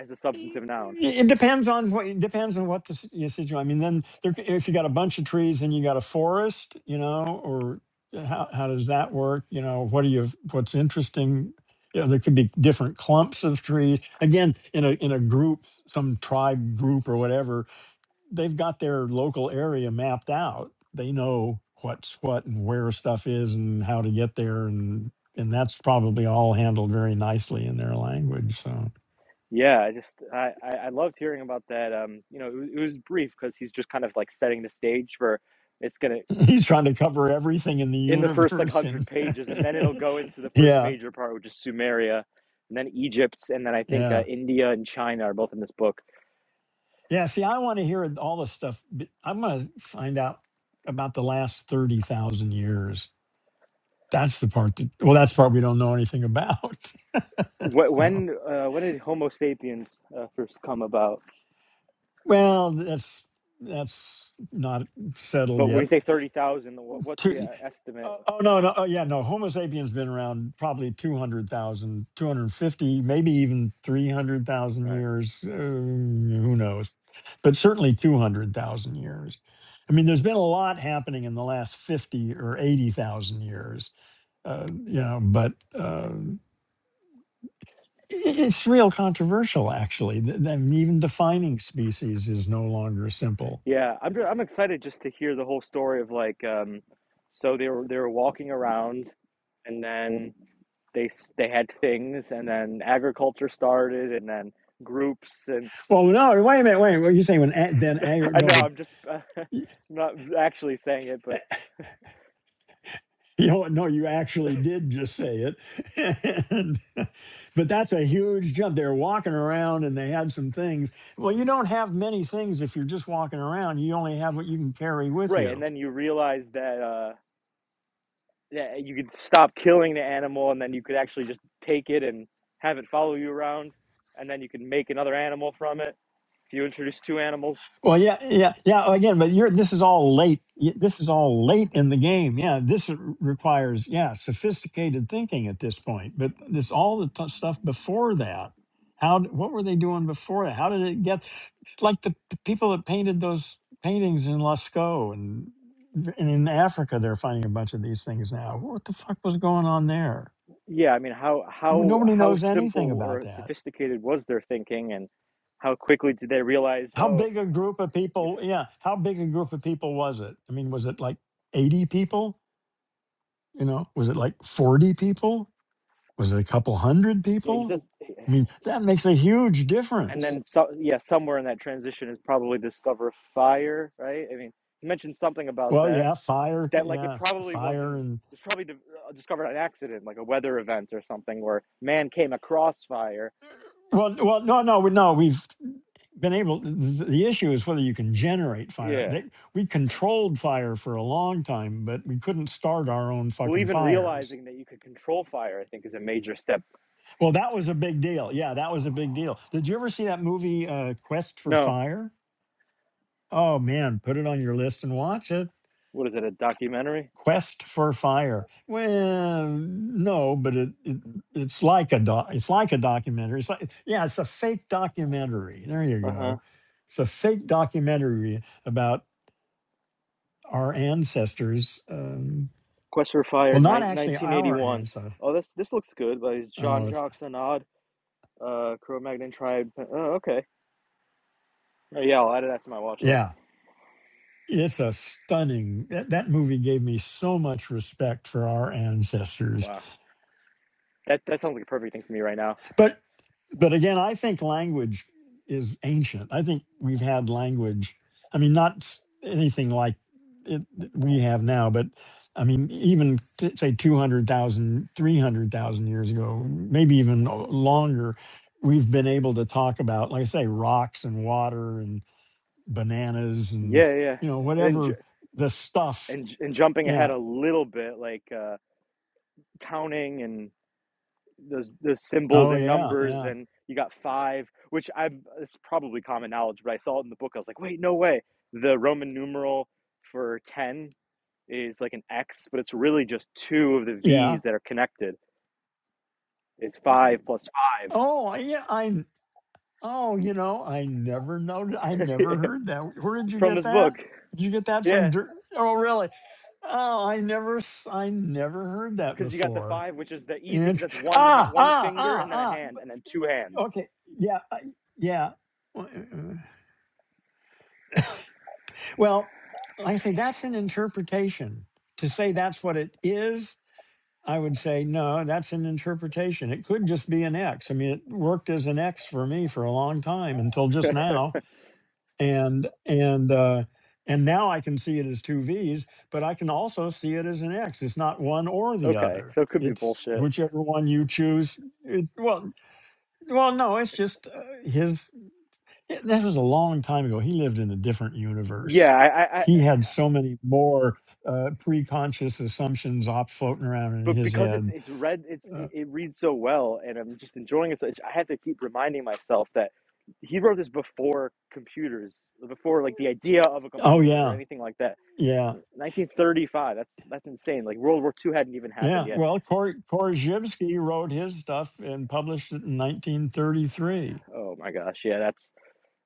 S3: as a
S1: it
S3: substantive noun.
S1: it depends on what it depends on what the s- your situation. I mean, then there, c- if you got a bunch of trees and you got a forest, you know, or uh, how how does that work? You know, what are you? What's interesting? You know, there could be different clumps of trees. Again, in a in a group, some tribe group or whatever, they've got their local area mapped out. They know what's what and where stuff is and how to get there, and and that's probably all handled very nicely in their language. So.
S3: Yeah, I just I I, I loved hearing about that. Um, you know, it, was- it was brief because he's just kind of like setting the stage for it's gonna
S1: He's trying to cover everything in the
S3: in the first like
S1: universe,
S3: hundred
S1: and
S3: pages, and then it'll go into the first
S1: yeah,
S3: major part, which is Sumeria, and then Egypt, and then I think uh,
S1: yeah,
S3: India and China are both in this book.
S1: yeah. See, I want to hear all the stuff. but I'm going to find out about the last thirty thousand years. That's the part that. Well, that's the part we don't know anything about.
S3: Wh-
S1: so,
S3: When uh, when did Homo sapiens uh, first come about?
S1: well, that's that's not settled
S3: But when
S1: yet.
S3: you say thirty thousand, wh- what's the uh, estimate?
S1: Uh, oh no, no, oh yeah, no. Homo sapiens been around probably 200,000, 250, maybe even 300,000
S3: All Right.
S1: years, uh, who knows. But certainly 200,000 years. I mean, there's been a lot happening in the last 50 or 80,000 years. Uh, you know, but uh, i- it's real controversial actually. Th- th- I mean, even defining species is no longer simple.
S3: Yeah, I'm I'm excited just to hear the whole story of like um so they were they were walking around and then they s- they had things and then agriculture started and then groups and
S1: Well, no, wait a minute, wait. What you saying when a- then agri-
S3: I
S1: no,
S3: know
S1: but
S3: I'm just not actually saying it but
S1: you know, no, you actually did just say it. And, but that's a huge jump. They're walking around and they had some things. Well, you don't have many things if you're just walking around. You only have what you can carry with
S3: right and
S1: you.
S3: then you realize that uh yeah you could stop killing the animal and then you could actually just take it and have it follow you around and then you can make another animal from it if you introduce two animals
S1: Well, yeah, yeah, yeah. Again, but you're this is all late. y- This is all late in the game. Yeah, this r- requires yeah sophisticated thinking at this point. But this all the t- stuff before that. How d- what were they doing before that? How did it get like the, the people that painted those paintings in Lascaux and v- and in Africa? They're finding a bunch of these things now. What the fuck was going on there?
S3: Yeah, I mean, how how
S1: Nobody
S3: how
S1: knows anything
S3: simple
S1: about
S3: or
S1: that.
S3: sophisticated was their thinking, and how quickly did they realize?
S1: How
S3: Oh,
S1: big a group of
S3: if, if
S1: people? Yeah, how big a group of people was it? I mean, was it like 80 people? You know, was it like 40 people? Was it a couple hundred
S3: yeah, he
S1: people?
S3: says,
S1: I mean, that makes a huge
S3: and
S1: difference.
S3: then so yeah, somewhere in that transition is probably discover fire, right? I mean, he mentioned something about
S1: Well,
S3: that.
S1: yeah, fire,
S3: That like it
S1: yeah,
S3: probably
S1: fire
S3: wasn't.
S1: and
S3: It's probably di- uh, discovered an accident, like a weather event or something, where man came across fire.
S1: well, well, no, no, we- no, we've been able th- the issue is whether you can generate fire.
S3: Yeah.
S1: They, we controlled fire for a long time, but we couldn't start our own
S3: Well,
S1: fucking
S3: even
S1: fires.
S3: realizing that you could control fire, I think, is a major step.
S1: Well, that was a big deal. Yeah, that was a big deal. Did you ever see that movie uh, Quest for
S3: No,
S1: Fire? Oh man, put it on your list and watch it.
S3: what is it? A documentary?
S1: Quest for Fire. Well, no, but it, it it's like a doc, it's like a documentary. It's like yeah, it's a fake documentary. There
S3: Uh
S1: you
S3: huh.
S1: go. It's a fake documentary about our ancestors. Um,
S3: Quest for Fire,
S1: well, not
S3: nine,
S1: actually our
S3: 1981.
S1: ancestors.
S3: Oh, this this looks good. But it's Jean
S1: Oh, it's,
S3: Jacques Anod, uh, Cro-Magnon Tribe. Oh, okay. Oh, yeah, I'll add that to my watch list.
S1: yeah, it's a stunning that, that movie gave me so much respect for our ancestors
S3: Wow, that that sounds like a perfect thing for me right now.
S1: but but again i think language is ancient i think we've had language i mean not s- anything like it that we have now but i mean even t- say 200,000, 300,000 years ago maybe even o- longer we've been able to talk about like i say rocks and water and bananas and
S3: Yeah, yeah. yeah.
S1: you know
S3: And then
S1: whatever
S3: ju-
S1: the stuff
S3: and and jumping ahead
S1: Yeah.
S3: a little bit, like uh, counting and those those symbols
S1: Oh
S3: and
S1: yeah,
S3: numbers,
S1: yeah,
S3: and you got five, which I it's probably common knowledge, but I saw it in the book. I was like, wait, no way. The Roman numeral for ten is like an X, but it's really just two of the
S1: yeah.
S3: V's that are connected. It's five plus
S1: Oh I- yeah, I. Oh, you know, I never noted. I
S3: five
S1: never heard that. Where did you
S3: from
S1: get
S3: this book.
S1: that? Did you get that
S3: Yeah,
S1: from? Dir- oh, really? Oh, I never. s- I never heard that
S3: because you got the
S1: before.
S3: five, which is the easy, because
S1: And
S3: that's one ha-
S1: ah,
S3: one
S1: ah,
S3: finger
S1: ah,
S3: and then a
S1: ah.
S3: hand
S1: b-
S3: and then two hands.
S1: Okay, yeah, I, yeah. Well, like I say, that's an interpretation. To say that's what it is I would say, no, that's an interpretation. It could just be an X. I mean, it worked as an X for me for a long time until just now. And and uh and now I can see it as two V's, but I can also see it as an X. It's not one or the
S3: okay,
S1: other.
S3: so it could be
S1: It's
S3: bullshit.
S1: whichever one you choose. It, well, well, no, it's just uh, his. it- This was a long time ago. He lived in a different universe.
S3: Yeah, I, I, I
S1: He had so many more uh, pre-conscious assumptions op floating around in
S3: but
S1: his
S3: because it's
S1: head
S3: it's read, it's
S1: uh,
S3: it, it reads so well, and I'm just enjoying it. So I have to keep reminding myself that he wrote this before computers, before like the idea of a
S1: Oh
S3: computer or
S1: yeah,
S3: anything like that
S1: yeah,
S3: 1935. That's that's insane. Like World War II hadn't even happened
S1: yeah.
S3: yet.
S1: Well, Kor- Korzybski wrote his stuff and published it in 1933.
S3: Oh my gosh. Yeah, that's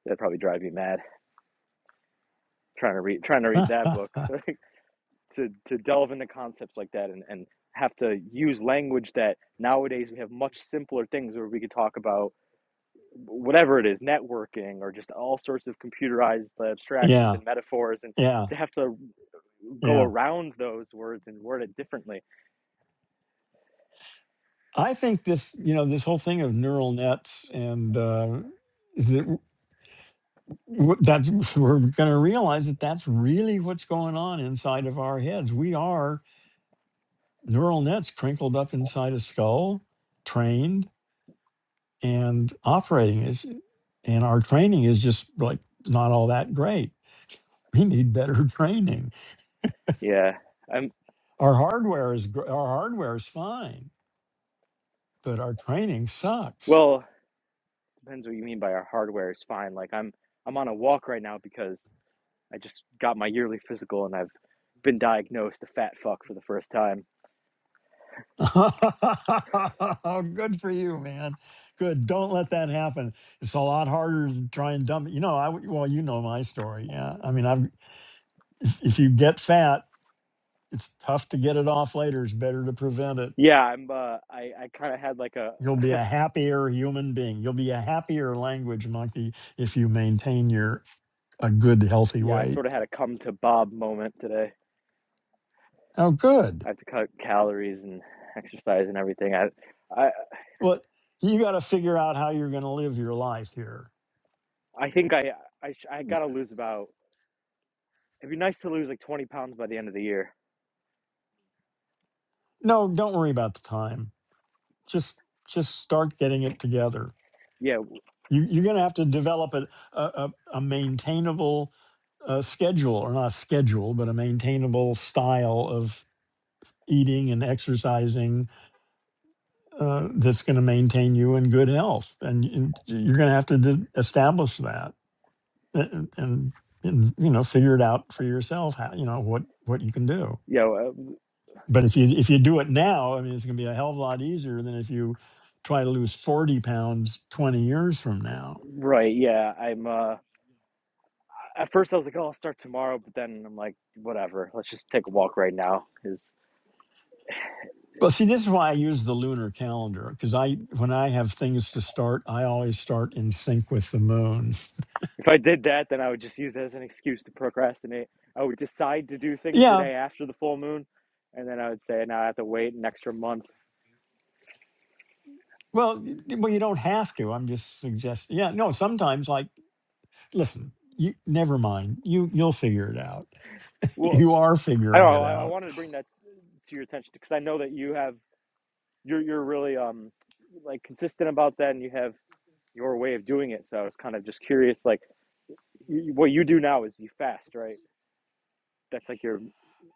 S3: that probably drive me mad trying to read trying to read that book. Like to to delve into concepts like that and and have to use language that nowadays we have much simpler things where we could talk about whatever it is networking or just all sorts of computerized abstractions
S1: yeah,
S3: and metaphors and
S1: yeah,
S3: to have to go
S1: yeah.
S3: around those words and word it differently
S1: I think this, you know, this whole thing of neural nets and uh, is it w- w- that's we're going to realize that that's really what's going on inside of our heads. We are neural nets crinkled up inside a skull, trained and operating is, and our training is just like not all that great We need better training.
S3: yeah i'm
S1: Our hardware is gr- our hardware is fine, but our training sucks.
S3: well Depends what you mean by our hardware is fine. Like I'm I'm on a walk right now because I just got my yearly physical and I've been diagnosed a fat fuck for the first time.
S1: Oh, Good for you, man. Good. Don't let that happen. It's a lot harder to try and dump. You know, I w- well, you know my story. Yeah, I mean, I've if, if you get fat, it's tough to get it off later. It's better to prevent it.
S3: Yeah, I'm uh I I kind of had like a
S1: You'll be a happier human being. You'll be a happier language monkey if you maintain your a good healthy
S3: yeah, I
S1: weight.
S3: sort of had a come to Bob moment today.
S1: Oh, good.
S3: I have to cut calories and exercise and everything. I I
S1: Well, you got to figure out how you're going to live your life here.
S3: I think I I I
S1: Y-
S3: got to lose about it'd be nice to lose like 20 pounds by the end of the year.
S1: No, don't worry about the time. Just just start getting it together.
S3: Yeah,
S1: You, you're going to have to develop a, a, a a maintainable uh, schedule, or not schedule, but a maintainable style of eating and exercising uh, that's going to maintain you in good health. And, and you're going to have to d- establish that and, and, and, you know, figure it out for yourself, how, you know, what, what you can do.
S3: yeah, uh,
S1: But if you if you do it now, I mean, it's going to be a hell of a lot easier than if you try to lose forty pounds twenty years from now.
S3: right. Yeah, I'm uh at first I was like, oh, I'll start tomorrow, but then I'm like, whatever, let's just take a walk right now. Because
S1: Well, see, this is why I use the lunar calendar because I when I have things to start, I always start in sync with the moon.
S3: if I did that, then I would just use it as an excuse to procrastinate. I would decide to do things the
S1: Yeah,
S3: day after the full moon, and then I would say, now I have to wait an extra month.
S1: well, y- well, you don't have to. I'm just suggesting. Yeah, no, sometimes like listen, you never mind. You you'll figure it out.
S3: Well,
S1: You are
S3: I don't
S1: figuring
S3: know.
S1: it
S3: I, I
S1: out.
S3: wanted to bring that to your attention because I know that you have you're you're really um like consistent about that, and you have your way of doing it. So I was kind of just curious, like y- what you do now is you fast, right? That's like your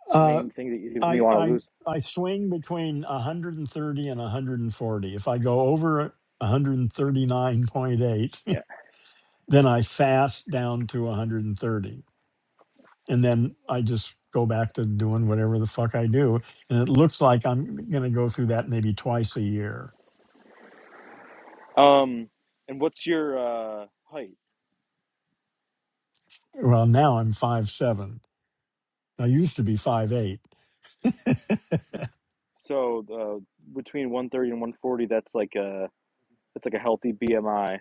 S1: Uh,
S3: main thing that you, you
S1: I
S3: want to
S1: I
S3: lose.
S1: I swing between 130 and 140. If I go over 139.8, then I fast down to 130. And then I just go back to doing whatever the fuck I do. And it looks like I'm gonna go through that maybe twice a year.
S3: Um, and what's your uh, height?
S1: Well, now I'm five seven. I used to be five eight.
S3: So uh, between 130 and 140, that's like a that's like a healthy BMI,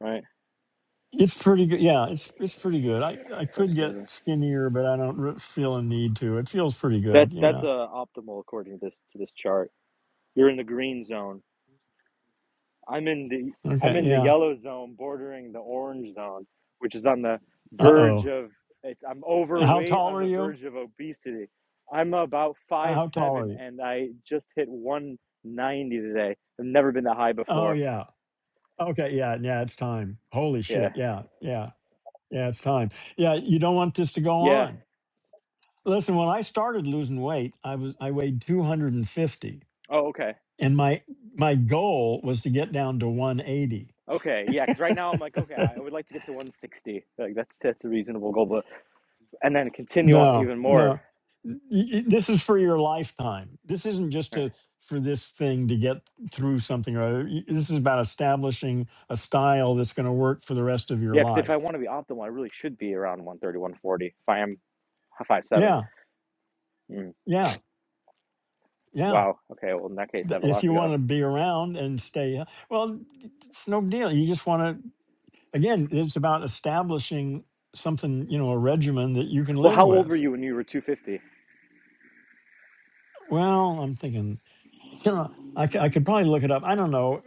S3: right?
S1: It's pretty good. Yeah, it's it's pretty good. I, I
S3: That's
S1: could get
S3: uh,
S1: skinnier, but I don't re- feel a need to. It feels pretty good.
S3: that's that's
S1: Yeah.
S3: uh, optimal according to this to this chart. You're in the green zone. I'm in the I'm
S1: Okay.
S3: in the
S1: Yeah.
S3: yellow zone, bordering the orange zone, which is on the
S1: Uh
S3: verge
S1: oh.
S3: of it's, I'm
S1: How
S3: overweight
S1: tall
S3: on
S1: are
S3: the
S1: you?
S3: verge of obesity. I'm about
S1: Uh,
S3: five
S1: How tall are
S3: seven,
S1: you?
S3: and I just hit 190 today. I've never been that high
S1: Oh
S3: before.
S1: yeah. Okay, yeah, yeah, it's time. Holy
S3: Yeah,
S1: shit. Yeah. Yeah. Yeah, it's time. Yeah, you don't want this to go
S3: yeah.
S1: on. Listen, when I started losing weight, I was I weighed 250 and fifty,
S3: Oh, okay.
S1: and my my goal was to get down to 180.
S3: Okay, yeah, because right now I'm like, okay, I would like to get to 160. Like that's that's a reasonable goal, but and then continue on
S1: No,
S3: even more.
S1: no. Y- y- This is for your lifetime. This isn't just
S3: Right.
S1: to for this thing to get through something or other. Y- This is about establishing a style that's going to work for the rest of your
S3: Yeah, because if I
S1: life.
S3: want to be optimal, I really should be around 130, 140. If I am five seven.
S1: Yeah.
S3: Mm,
S1: Yeah, yeah.
S3: wow. Okay. Well, in that case, I
S1: Th-
S3: have a
S1: If
S3: lot
S1: you
S3: to
S1: want
S3: go.
S1: to be around and stay, uh, well, it's no deal. You just want to, again, it's about establishing something, you know, a regimen that you can
S3: Well, how
S1: live
S3: old were
S1: with.
S3: you when you were 250?
S1: Well, I'm thinking, you know, I, c- I could probably look it up. I don't know.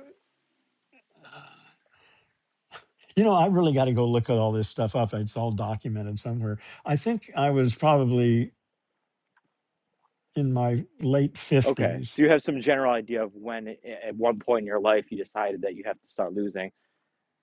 S1: You know, I really got to go look at all this stuff up. It's all documented somewhere. I think I was probably in my late
S3: Okay,
S1: 50s
S3: so you have some general idea of when, a- at one point in your life, you decided that you have to start losing,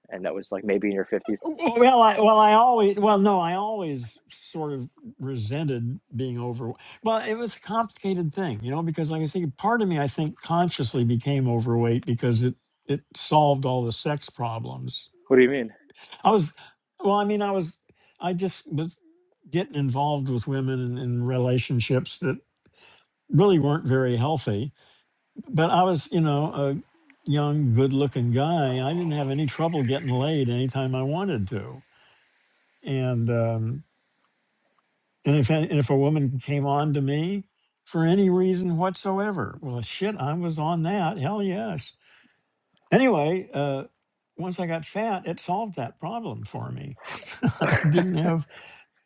S3: and that was like maybe in your 50s.
S1: Well, I well, I always well, no, I always sort of resented being over. Well, it was a complicated thing, you know, because like I say, part of me I think consciously became overweight because it it solved all the sex problems.
S3: What do you mean?
S1: I was, well, I mean, I was, I just was getting involved with women in, in relationships that really weren't very healthy. But I was, you know, a young, good-looking guy. I didn't have any trouble getting laid anytime I wanted to, and. um And if and if a woman came on to me for any reason whatsoever, well, shit, I was on that. Hell yes. Anyway, uh, once I got fat, it solved that problem for me. I
S3: I
S1: didn't have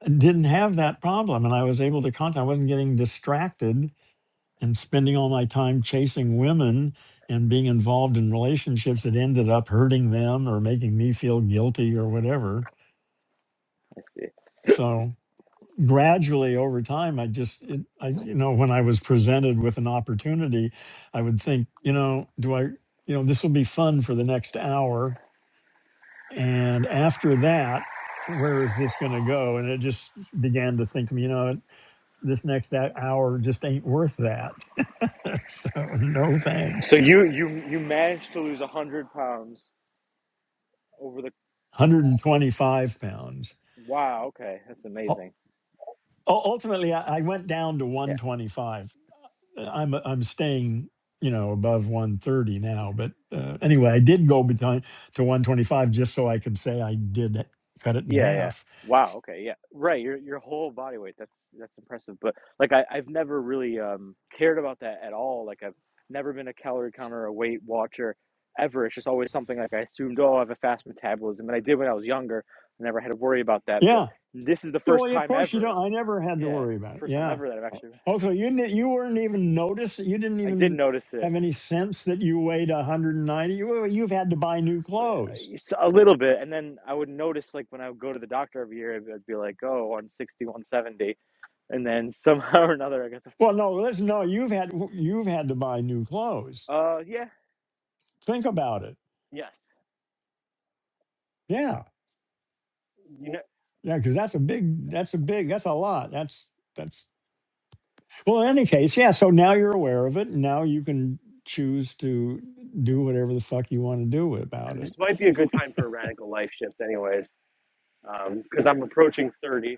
S1: didn't have that problem, and I was able to contact. I wasn't getting distracted and spending all my time chasing women and being involved in relationships that ended up hurting them or making me feel guilty or whatever.
S3: see.
S1: So. gradually over time i just it, i you know when i was presented with an opportunity i would think you know do i you know this will be fun for the next hour and after that where is this going to go and it just began to think you know this next hou- hour just ain't worth that so no
S3: So
S1: thanks
S3: you you you managed to lose 100 pounds over the
S1: 125 pounds
S3: wow okay that's
S1: U- u-
S3: amazing
S1: ultimately i I went down to
S3: yeah
S1: 125 uh, I'm uh, I'm staying, you know, above 130
S3: I see.
S1: now. But uh, anyway, I did go behind to 125 just so I could say I did it- cut it in
S3: yeah yeah
S1: half.
S3: wow okay yeah right your your whole body weight that's that's impressive but like I, i've never really um cared about that at all like i've never been a calorie counter or a weight watcher ever it's just always something like i assumed oh i have a fast metabolism and i did when i was younger i never had to worry about that but
S1: Yeah.
S3: this is the
S1: Yeah,
S3: first
S1: Well, yeah, of
S3: time
S1: course you
S3: ever
S1: don't. I never had to
S3: yeah
S1: worry
S3: it's the
S1: about it.
S3: first time
S1: Yeah.
S3: ever that i've actually
S1: Also, you didn't, you weren't even noticed. You didn't
S3: i did
S1: even
S3: notice it
S1: have any sense that you weighed 190. You, well, you've had to buy new
S3: A
S1: clothes.
S3: little bit and then i would notice like when i would go to the doctor every year i'd be like oh, one sixty, one seventy, and then somehow or another i got some
S1: Well, no, listen, no, you've had you've had to buy new clothes.
S3: uh yeah
S1: Think about it.
S3: yes
S1: Yeah.
S3: You know,
S1: Yeah, because that's a big, that's a big, that's a lot. That's that's Well, in any case, yeah. So now you're aware of it, and now you can choose to do whatever the fuck you want to do about
S3: this
S1: it.
S3: might be a good time for a radical life shift, anyways, because um, I'm approaching 30.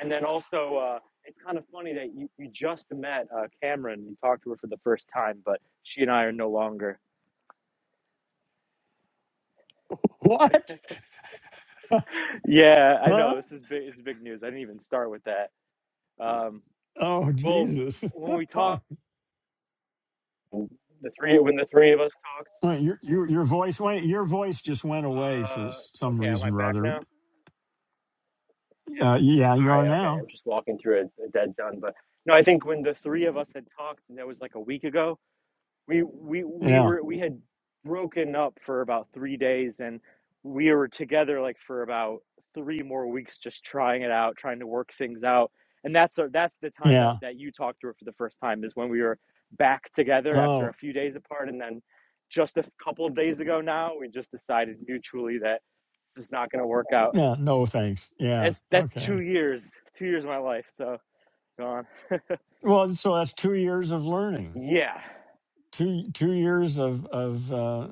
S3: And then also, uh, it's kind of funny that you, you just met uh, Cameron. You talked to her for the first time, but she and I are no longer.
S1: What?
S3: yeah i
S1: Huh?
S3: know this is big this is big news i didn't even start with that um
S1: Oh,
S3: Well,
S1: Jesus!
S3: when we talk.
S1: Oh,
S3: the three when the three of us talk.
S1: Wait, your your your voice went. Your voice just went away for s-
S3: Uh,
S1: some
S3: okay, am I
S1: reason or
S3: back
S1: other.
S3: now? All
S1: Uh, yeah, you are
S3: right, okay. I'm
S1: now.
S3: just walking through a, a dead zone, but no, I think when the three of us had talked, and that was like a week ago. we we we
S1: Yeah,
S3: were we had broken up for about three days and we were together like for about three more weeks just trying it out trying to work things out and that's the- that's the time that,
S1: yeah.
S3: that you talked to her for the first time is when we were back together after a
S1: Oh,
S3: few days apart and then just a couple of days ago now we just decided mutually that this is not going to work out
S1: yeah. No thanks. Yeah.
S3: It's that's two
S1: Okay.
S3: years two years of my life so gone
S1: Well, so that's two years of learning.
S3: yeah
S1: two two years of of uh,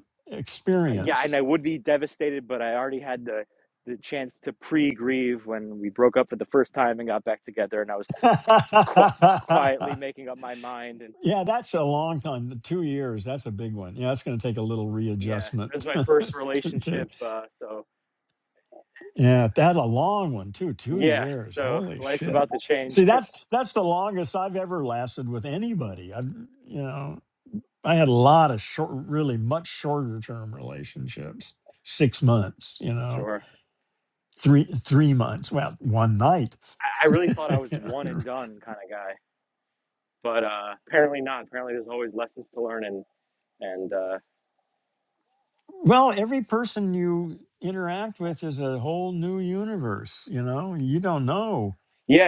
S3: yeah, and
S1: experience.
S3: I would be devastated, but I already had the the chance to pre-grieve when we broke up for the first time and got back together, and I was qu- quietly
S1: yeah,
S3: making up my mind. And
S1: that's a long time. Two years. That's a big one. Yeah, it's going to take a little
S3: yeah,
S1: readjustment.
S3: it was my first
S1: to, to,
S3: relationship, uh, so
S1: yeah, that's a long one too. Two
S3: yeah,
S1: years.
S3: so
S1: Holy
S3: life's
S1: shit.
S3: about to change.
S1: See, that's that's the longest I've ever lasted with
S3: Uh,
S1: anybody. I've you know I had a lot of short, really much shorter term relationships. Six months. You know,
S3: sure,
S1: three three months. Well, one night.
S3: I-, I really thought I was one
S1: Yeah,
S3: and done kind of guy, but uh, apparently not. Apparently, there's always lessons to learn, and and uh,
S1: Well, every person you interact with is a whole new universe, you know? You don't know
S3: yeah,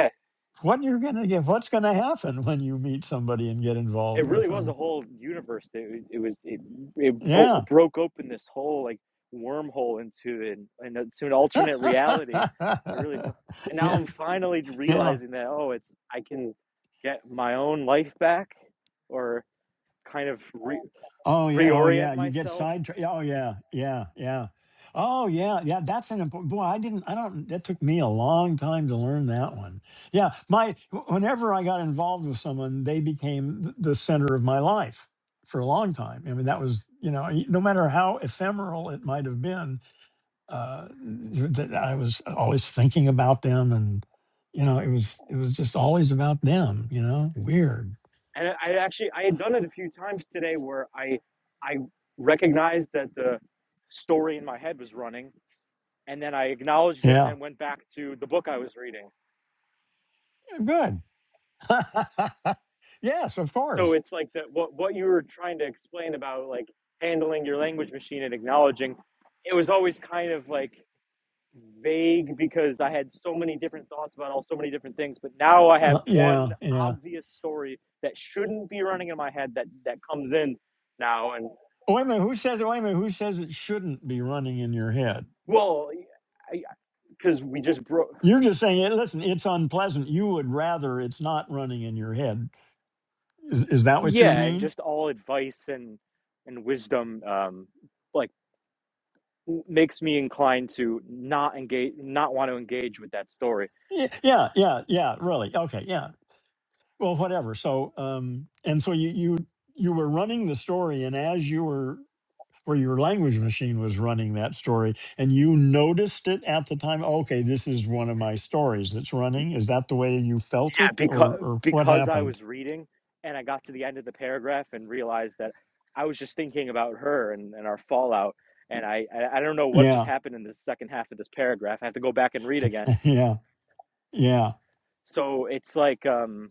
S1: what you're going to get, what's going to happen when you meet somebody and get
S3: it
S1: involved with
S3: really was a
S1: them.
S3: whole universe. It, it was it, it
S1: Yeah.
S3: broke open this whole like wormhole into an, into an alternate reality. It really fe- and now
S1: yeah.
S3: I'm finally
S1: Yeah.
S3: realizing that oh, it's I can get my own life back or kind of re,
S1: Oh yeah, oh
S3: reorient
S1: yeah. You get
S3: myself.
S1: sidetracked. yeah, Oh yeah, yeah, yeah. Oh yeah, yeah. That's an important. Boy, I didn't. I don't. That took me a long time to learn that one. Yeah, my. wh- Whenever I got involved with someone, they became th- the center of my life for a long time. I mean, that was you know, y- no matter how ephemeral it might have been, uh, th- th- I was always thinking about them, and you know, it was it was just always about them. You know, weird.
S3: And I actually I had done it a few times today where I I recognized that the story in my head was running and then I acknowledged it and
S1: Yeah,
S3: then went back to the book I was reading
S1: good. yes, of
S3: So
S1: course.
S3: it's like that what what you were trying to explain about like handling your language machine and acknowledging, it was always kind of like vague because I had so many different thoughts about all so many different things, but now I have
S1: Uh,
S3: one
S1: yeah, yeah.
S3: obvious story that shouldn't be running in my head that that comes in now and
S1: Wait a minute. Who says it? Wait a minute. Who says it shouldn't be running in your head?
S3: well, because we just broke,
S1: You're just saying, "Hey, listen, it's unpleasant. You would rather it's not running in your head. Is, is that what you
S3: yeah, and
S1: mean?
S3: just all advice and and wisdom um like makes me inclined to not engage not want to engage with that story
S1: Yeah, yeah, yeah, yeah, really. Okay, yeah. Well, whatever. So, um, and so you, you, you were running the story, and as you were where your language machine was running that story and you noticed it at the time Oh, okay this is one of my stories that's running is that the way you felt
S3: Yeah,
S1: it
S3: because
S1: or or what
S3: because I
S1: happened
S3: was reading and I got to the end of the paragraph and realized that I was just thinking about her and, and our fallout. And I, I I don't know what just
S1: yeah
S3: happened in the second half of this paragraph. I have to go back and read again.
S1: yeah yeah
S3: So it's like um,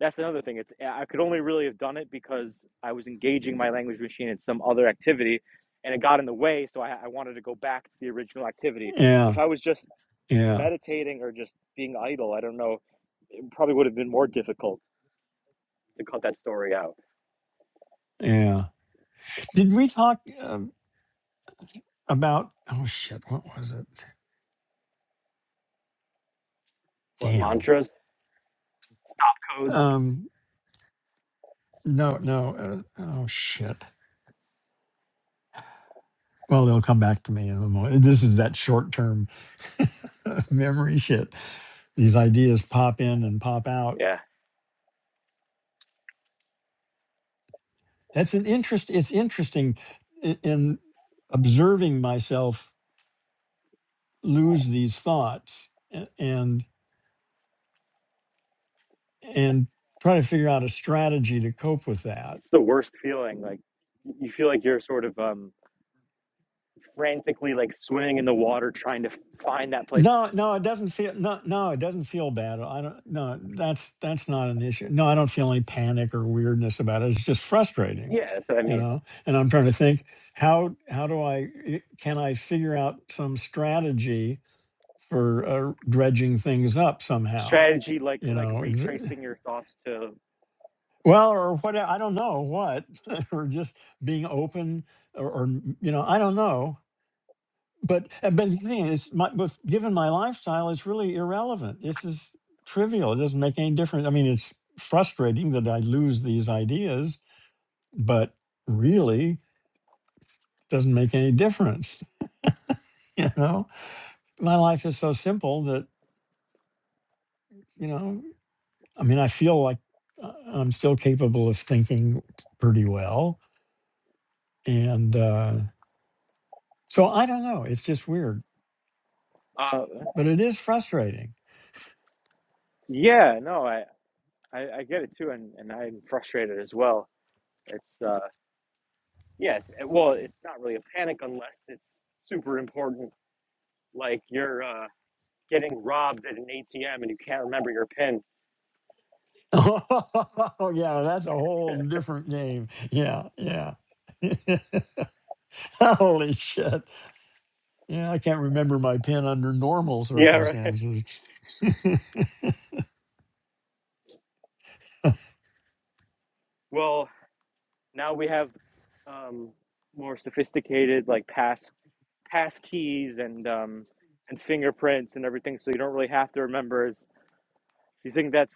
S3: that's another thing. It's I could only really have done it because I was engaging my language machine in some other activity, and it got in the way. So I, I wanted to go back to the original activity. If
S1: yeah
S3: I was just
S1: yeah
S3: meditating or just being idle, I don't know, it probably would have been more difficult to cut that story out.
S1: yeah did we talk um, about oh shit what was it
S3: what
S1: damn
S3: mantras codes
S1: um no no uh, oh shit well they'll come back to me in a moment this is that short-term memory shit these ideas pop in and pop out
S3: yeah
S1: That's an interest. It's interesting in, in observing myself lose these thoughts a- and and try to figure out a strategy to cope with that.
S3: it's the worst feeling like you feel like you're sort of um frantically like swimming in the water trying to find that place
S1: No, no, it doesn't feel no, no, it doesn't feel bad. I don't. No, that's that's not an issue. No, I don't feel any panic or weirdness about it. It's just frustrating,
S3: yeah that's what i
S1: you
S3: mean
S1: know. And I'm trying to think how how do I i- can I figure out some strategy for uh, dredging things up somehow.
S3: strategy like
S1: You
S3: like
S1: know, is there,
S3: retracing your thoughts to
S1: well, or what? I don't know what, or just being open, or, or you know, I don't know. But uh, but the thing is, my, with, given my lifestyle, it's really irrelevant. This is trivial. It doesn't make any difference. I mean, it's frustrating that I lose these ideas, but really doesn't make any difference. You know, my life is so simple that you know. I mean, I feel like uh, I'm still capable of thinking pretty well. And uh, so I don't know. It's just weird,
S3: uh
S1: but it is frustrating.
S3: yeah no i i, I get it too and and i'm frustrated as well it's uh yeah it's, well it's not really a panic unless it's super important like you're uh getting robbed at an atm and you can't remember your pin
S1: Oh, yeah. That's a whole different game. Yeah. Yeah. Holy shit. Yeah. I can't remember my pin under normal
S3: yeah right.
S1: circumstances.
S3: well Now we have um, more sophisticated like pass pass keys and um, and fingerprints and everything, so you don't really have to remember. Is you think that's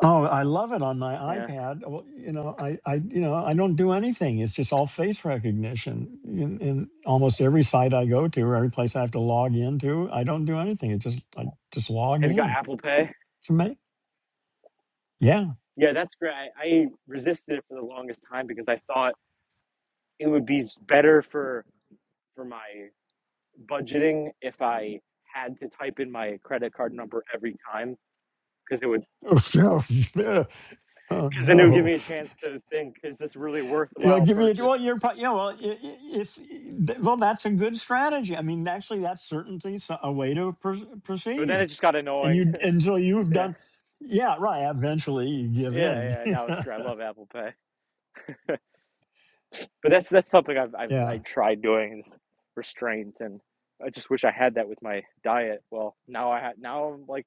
S1: Oh, I love it on my
S3: yeah?
S1: iPad. Well, you know, I, I, you know, I don't do anything. It's just all face recognition in, in almost every site I go to, or every place I have to log into. I don't do anything. It just, I just log
S3: Have you got
S1: in.
S3: Apple Pay?
S1: It's amazing. Yeah.
S3: Yeah, that's great. I, I resisted it for the longest time because I thought it would be better for for my budgeting if I had to type in my credit card number every time because it would
S1: Oh, no. Yeah. Oh,
S3: because then it would give
S1: no.
S3: me a chance to think is this really
S1: You know,
S3: worthwhile
S1: give me a,
S3: purchase.
S1: well, you're, pro- yeah, well, i- i- if, th- well, that's a good strategy. I mean, actually, that's certainly so- a way to pros-
S3: But then
S1: proceed.
S3: it just got
S1: And
S3: annoying.
S1: you, and so you've
S3: yeah.
S1: done, yeah, right. Eventually you give in.
S3: Yeah, yeah. No, it's great. I love Apple Pay, but that's that's something I've I've
S1: yeah.
S3: I tried doing is restraint, and I just wish I had that with my diet. Well, now I ha- now I'm like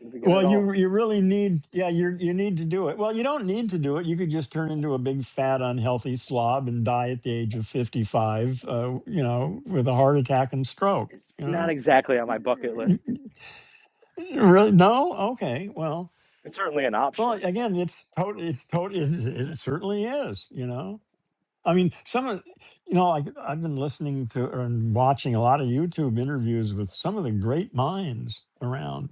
S3: gonna begin
S1: Well,
S3: it all.
S1: you you really need yeah you you need to do it. Well, you don't need to do it. You could just turn into a big fat unhealthy slob and die at the age of fifty five. Uh, you know, with a heart attack and stroke.
S3: It's
S1: You
S3: not
S1: know,
S3: exactly on my bucket list.
S1: Y- y- really? No? Okay. Well,
S3: It's certainly an
S1: well,
S3: option.
S1: again, it's tot It's tot It, it certainly is. You know, I mean, some of you know, like I've been listening to and watching a lot of YouTube interviews with some of the great minds around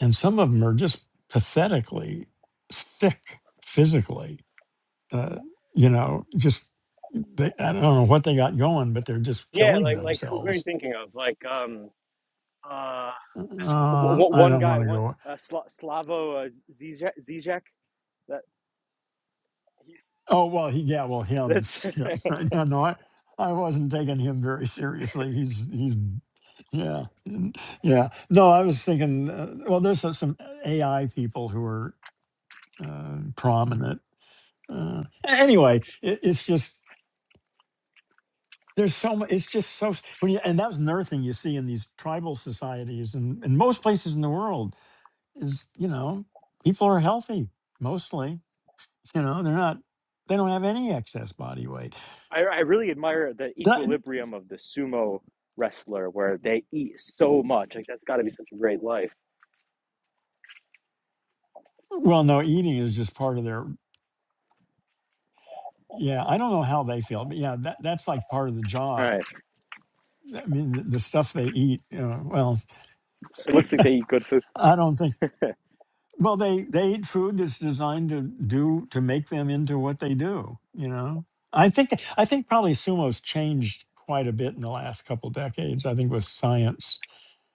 S1: and some of them are just pathetically sick physically. Uh, you know, just they, I don't know what they got going, but they're just
S3: Yeah,
S1: killing
S3: like like who, who are you
S1: themselves.
S3: thinking of? Like um uh this w-
S1: Uh,
S3: w-
S1: I
S3: one
S1: don't
S3: guy
S1: want to
S3: one
S1: go.
S3: uh, Sla- Slavo uh, Zizek Zizek that he's
S1: Oh well, he yeah, well him.
S3: that's
S1: Shit. yeah, no, no, I I wasn't taking him very seriously. He's he's yeah n- yeah. No, I was thinking. Uh, well, there's some some AI people who are uh, prominent. Uh, a- anyway, it, it's just there's so much it's just so when you, and that's another thing you see in these tribal societies and, and most places in the world is you know people are healthy mostly you know they're not they don't have any excess body weight
S3: I, I really admire the
S1: Di-
S3: equilibrium of the sumo wrestler where they eat so much. Like that's got to be such a great life.
S1: well no eating is just part of their yeah i don't know how they feel but yeah that, that's like part of the
S3: All
S1: job
S3: right,
S1: i mean the, the stuff they eat you know, well
S3: it looks like they eat good food.
S1: i don't think Well, they they eat food that's designed to do to make them into what they do. You know, I think I think probably sumo's changed quite a bit in the last couple decades. I think with science,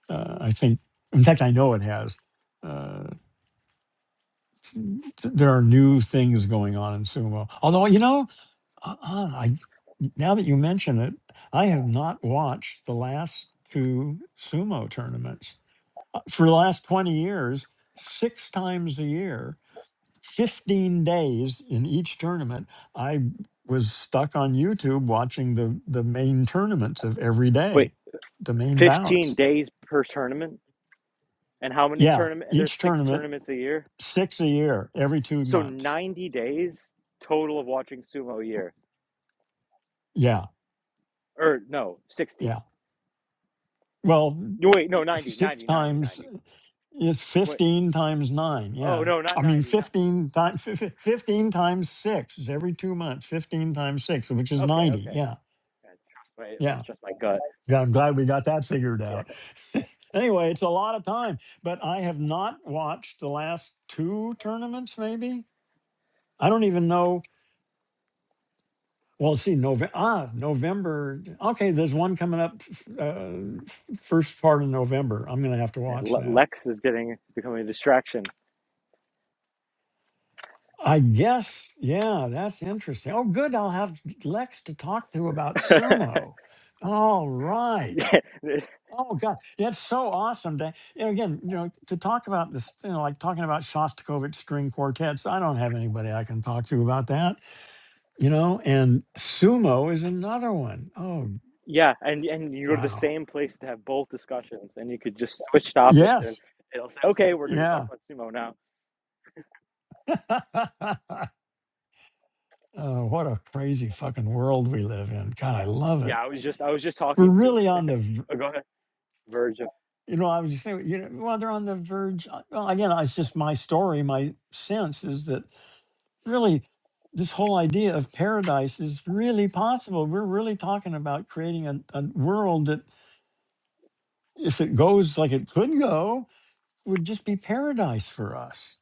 S1: uh, I think in fact I know it has. Uh, th- there are new things going on in sumo. Although you know, uh, uh, I now that you mention it, I have not watched the last two sumo tournaments Uh, for the last twenty years. Six times a year, 15 days in each tournament, I was stuck on YouTube watching the the main tournaments of every
S3: Wait,
S1: day, the main
S3: fifteen
S1: bouts.
S3: days per tournament, and how many
S1: Yeah,
S3: tournament? And there's
S1: each
S3: six
S1: tournament,
S3: tournaments a year,
S1: six a year, every two
S3: so
S1: months.
S3: ninety days total of watching sumo a year.
S1: Yeah,
S3: Or no, sixty.
S1: yeah. Well,
S3: No, Wait, no, 90,
S1: six
S3: 90, 90, ninety.
S1: times is
S3: Wait,
S1: 15 times nine.
S3: oh
S1: Yeah.
S3: no, not
S1: I mean,
S3: ninety, not
S1: 15, times 15 times six is every two months, 15 times six, which is
S3: okay,
S1: 90.
S3: okay.
S1: Yeah,
S3: Yeah, Trust
S1: yeah.
S3: my, trust my gut.
S1: Yeah, I'm glad we got that figured
S3: Yeah,
S1: out. anyway, it's a lot of time, but I have not watched the last two tournaments, maybe. I don't even know. Well, let's see, November. Ah, November. Okay, there's one coming up f- uh, f- uh, first part of November. I'm going to have to
S3: yeah.
S1: watch that.
S3: Lex is getting becoming a distraction.
S1: I guess, yeah, that's interesting. Oh, good. I'll have Lex to talk to about sumo. All right.
S3: Yeah,
S1: Oh God, that's so awesome! To, you know, again, you know, to talk about this, you know, like talking about Shostakovich string quartets. I don't have anybody I can talk to about that, you know. And sumo is another one. Oh
S3: yeah, and and you go to the
S1: wow!
S3: same place to have both discussions, and you could just switch topics, and
S1: Yes,
S3: it'll say, "Okay, we're going to talk
S1: yeah.
S3: about sumo now."
S1: oh, what a crazy fucking world we live in. God, I love
S3: Yeah,
S1: it.
S3: I was just I was just
S1: We're
S3: talking to
S1: really on the, v-
S3: oh, go ahead, Verge. of-
S1: you know, I was just saying, you know, well, they're on the verge. uh, Well, again, it's just my story. My sense is that really this whole idea of paradise is really possible. We're really talking about creating a, a world that, if it goes like it could go, would just be paradise for us.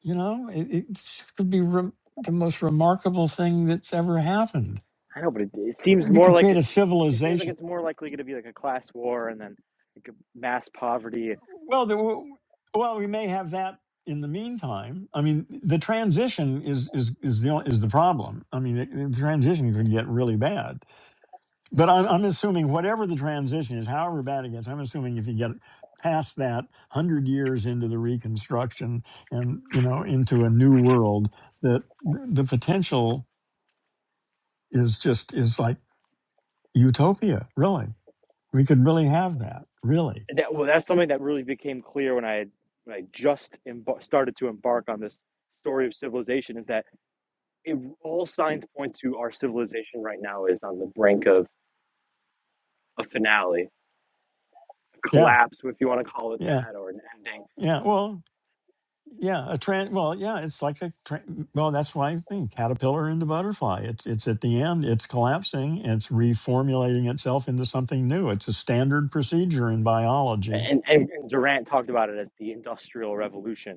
S1: You know, it, it could be re- the most remarkable thing that's ever happened.
S3: I know, but it, it seems
S1: We
S3: more
S1: could
S3: like
S1: create a
S3: it's it just seems like
S1: civilization.
S3: it's more likely going to be like a class war, and then like a mass poverty.
S1: Well, there, w- well, we may have that in the meantime. I mean, the transition is is is the o- is the problem. I mean, it, the transition could get really bad But I'm, I'm assuming whatever the transition is, however bad it gets, I'm assuming if you get past that hundred years into the Reconstruction and you know into a new world, that th- the potential is just is like utopia. Really, we could really have that. Really,
S3: And that well, that's something that really became clear when I had when I just embar started to embark on this story of civilization is that it, all signs point to our civilization right now is on the brink of a finale
S1: yeah,
S3: collapse, if you want to call it
S1: yeah,
S3: that, or an ending.
S1: yeah. Well, Yeah, a tran well, yeah, it's like a tran well, that's why I think caterpillar into butterfly. It's it's at the end, it's collapsing, it's reformulating itself into something new. It's a standard procedure in biology.
S3: And, and, and Durant talked about it as the Industrial Revolution.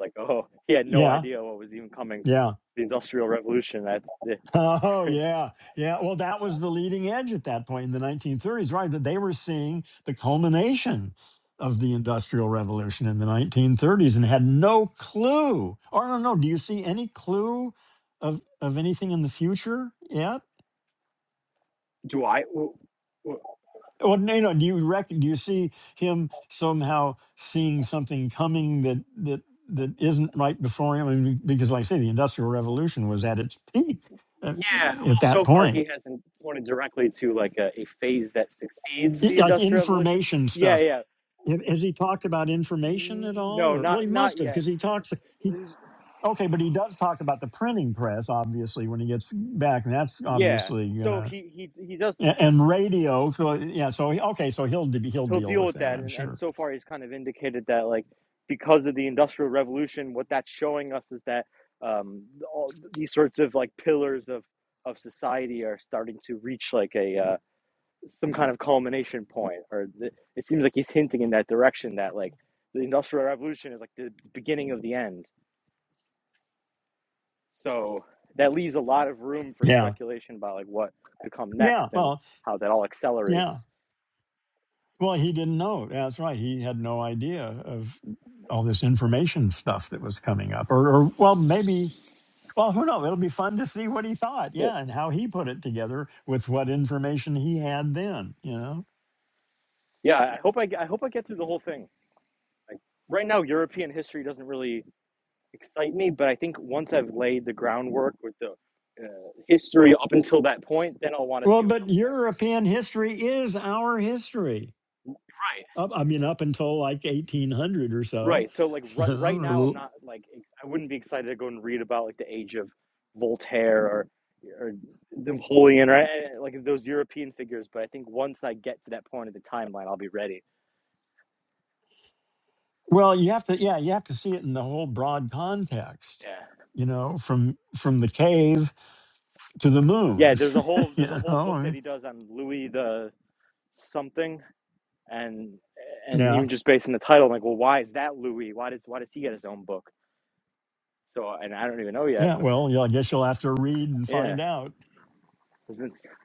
S3: like, oh, he had no
S1: Yeah,
S3: idea what was even coming.
S1: yeah.
S3: The Industrial Revolution. That's the,
S1: Oh yeah, yeah. Well, that was the leading edge at that point in the 1930s, right? That they were seeing the culmination of the Industrial Revolution in the 1930s and had no clue. Or no, no. Do you see any clue of of anything in the future yet?
S3: do I? w- w-
S1: Well, no, no. Do you reckon? Do you see him somehow seeing something coming that that that isn't right before him? I mean, because, like I say, the Industrial Revolution was at its peak uh,
S3: Yeah. Well,
S1: at that
S3: so far he
S1: point.
S3: hasn't pointed directly to like a, a phase that succeeds
S1: I-
S3: the
S1: Like
S3: Industrial Revolution.
S1: information
S3: Yeah,
S1: stuff.
S3: yeah.
S1: Ha- Has he talked about information at all?
S3: No,
S1: Or well,
S3: not
S1: he
S3: not
S1: must have
S3: yet.
S1: because he talks. He okay, but he does talk about the printing press, obviously, when he gets back, and that's
S3: Yeah.
S1: obviously
S3: So
S1: gonna
S3: he he he does
S1: a- and radio. So yeah, so he- okay, so he'll de- he'll
S3: he'll
S1: deal
S3: deal
S1: with
S3: with
S1: that,
S3: that.
S1: I'm
S3: And, and
S1: sure.
S3: so far, he's kind of indicated that, like, because of the Industrial Revolution, what that's showing us is that um, all these sorts of like pillars of of society are starting to reach like a uh, some kind of culmination point, or th- it seems like he's hinting in that direction that like the Industrial Revolution is like the beginning of the end. So that leaves a lot of room for
S1: Yeah.
S3: speculation about like what could come next
S1: Yeah.
S3: and
S1: Well,
S3: how that all accelerates.
S1: Yeah. Well, he didn't know. Yeah, That's right. He had no idea of all this information stuff that was coming up. Or, or well, maybe. Well, who knows? It'll be fun to see what he thought.
S3: Yeah,
S1: Yeah, and how he put it together with what information he had then. You know.
S3: yeah. I hope I, I hope I get through the whole thing. right now European history doesn't really excite me, but I think once I've laid the groundwork with the uh, history up until that point, then I'll want to
S1: Well,
S3: see what
S1: but
S3: comes next.
S1: European history is our history.
S3: Right.
S1: Up, I mean, up until like 1800 or so.
S3: Right. So like
S1: You
S3: right,
S1: know,
S3: right
S1: or a
S3: now I'm
S1: little.
S3: not like I wouldn't be excited to go and read about like the age of Voltaire or or Napoleon or uh, like those European figures, but I think once I get to that point of the timeline, I'll be ready.
S1: Well, you have to. Yeah, you have to see it in the whole broad context.
S3: Yeah.
S1: You know, from from the cave to the
S3: Yeah,
S1: moon.
S3: there's a whole
S1: you
S3: there's a whole
S1: know,
S3: book
S1: I
S3: that
S1: mean,
S3: he does on Louis the something and and
S1: yeah,
S3: even just based on the title, I'm like, well, why is that Louis? Why does why does he get his own book? So, and I don't even know yet,
S1: yeah.
S3: but
S1: Well, yeah, I guess you'll have to read and
S3: yeah,
S1: find out.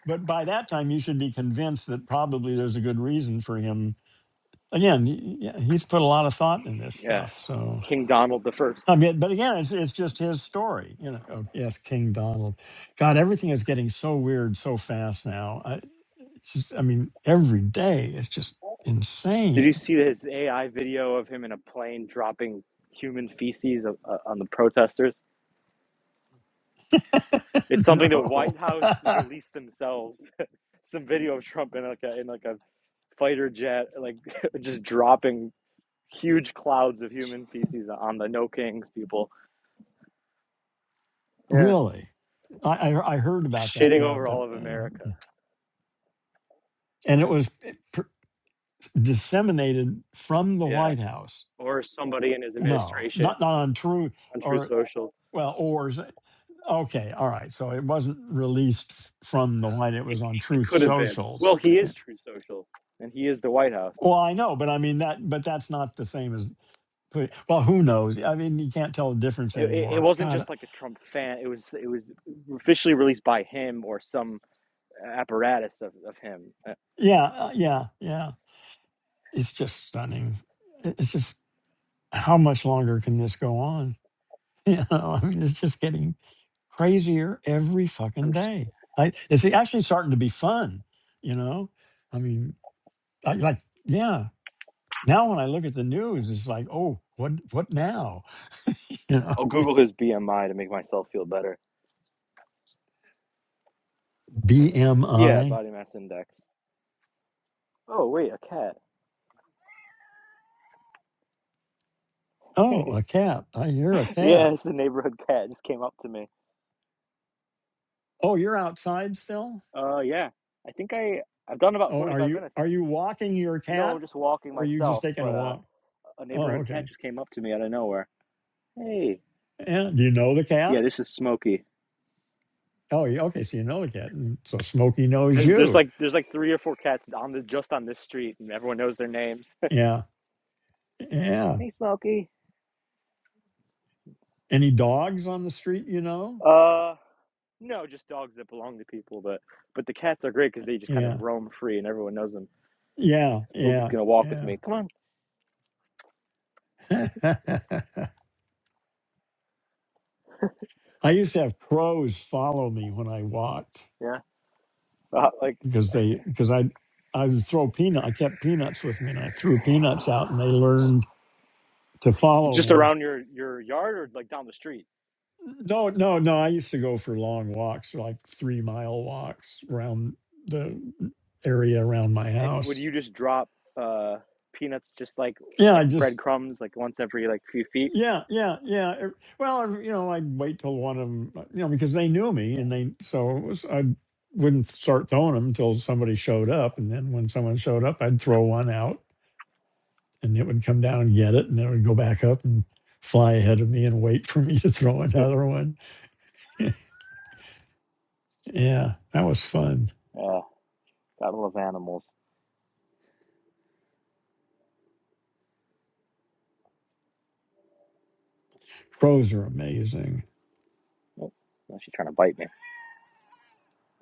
S1: But by that time, you should be convinced that probably there's a good reason for him. Again, he- yeah, he's put a lot of thought in this
S3: yeah,
S1: stuff. So,
S3: King Donald the First.
S1: I mean, but again, it's it's just his story. You know. Oh, yes, King Donald. God, everything is getting so weird so fast now. I, it's just, I mean, every day it's just
S3: Did you
S1: insane.
S3: see his AI video of him in a plane dropping human feces o- uh, on the protesters? It's something the White
S1: no.
S3: House released themselves. Some video of Trump in like a in like a fighter jet, like just dropping huge clouds of human feces on the No Kings people. Yeah.
S1: Really? I, I I heard about
S3: just
S1: that.
S3: shitting
S1: Yeah,
S3: over
S1: but
S3: all of
S1: uh,
S3: America.
S1: yeah. and it was p- pr- disseminated from the
S3: Yeah,
S1: White House.
S3: or somebody in his
S1: No,
S3: administration
S1: not not on True
S3: on True
S1: or
S3: Social.
S1: well or is it- okay, all right. So it wasn't released f- from the White. It
S3: It,
S1: was on
S3: it,
S1: Truth
S3: could have been.
S1: Socials.
S3: Well, he
S1: Yeah.
S3: is True Social, and he is the White House.
S1: Well, I know, but I mean that. But that's not the same as. put- Well, who knows? I mean, you can't tell the difference
S3: It, it, it
S1: anymore.
S3: wasn't
S1: God, uh,
S3: just like a Trump fan. It was it was officially released by him or some apparatus of, of him. I-
S1: yeah, uh, yeah, yeah. It's just stunning. It- It's just how much longer can this go on? You know, I mean, it's just getting crazier every fucking
S3: I'm just.
S1: day. I, it's actually starting to be fun, you know? I mean, I, like, yeah. Now when I look at the news, it's like, oh, what what now? You know,
S3: I'll Google his BMI to make myself feel better. Yeah,
S1: BMI.
S3: body mass index. Oh wait, a cat.
S1: Oh, a cat. I hear a
S3: yeah,
S1: cat.
S3: it's the neighborhood cat. It just came up to me.
S1: Oh, you're outside still?
S3: Uh, yeah. I think I I've done about
S1: Oh, are
S3: 45
S1: you
S3: minutes.
S1: are you walking your
S3: No, I'm
S1: cat?
S3: just walking
S1: Or are you just
S3: myself,
S1: taking a
S3: but uh,
S1: walk?
S3: a
S1: Oh,
S3: neighborhood cat
S1: okay.
S3: just came up to me out of nowhere. Hey.
S1: And do you know the
S3: Yeah,
S1: cat?
S3: this is Smokey.
S1: Oh, yeah, okay. So you know the cat. And so Smokey knows
S3: There's there's
S1: you.
S3: like there's like three or four cats on the just on this street, and everyone knows their names.
S1: Yeah. Yeah.
S3: Hey, Smokey.
S1: Any dogs on the street, you know?
S3: Uh, no, just dogs that belong to people, but but the cats are great because they just kind of
S1: Yeah.
S3: roam free, and everyone knows them.
S1: Yeah.
S3: Smokey's
S1: Yeah.
S3: gonna walk with
S1: Yeah.
S3: me. Come on.
S1: I used to have crows follow me when I walked
S3: Yeah. Uh, like
S1: because they because I I would throw peanut I kept peanuts with me and I threw peanuts out and they learned to follow
S3: just
S1: me.
S3: around your your yard or like down the street.
S1: No, no, no. I used to go for long walks, like three mile walks around the area around my
S3: And would
S1: house.
S3: you just drop uh peanuts just like
S1: Yeah, I
S3: like
S1: just
S3: breadcrumbs like once every like few feet?
S1: Yeah, yeah, yeah. Er, Well, I've- you know, I'd wait till one of them, you know, because they knew me and they, so it was, I wouldn't start throwing them until somebody showed up. And then when someone showed up, I'd throw one out and it would come down and get it. And then it would go back up and fly ahead of me and wait for me to throw another one. Yeah, that was fun.
S3: Yeah. Gotta love animals.
S1: Crows are amazing.
S3: Oh, now she's trying to bite me.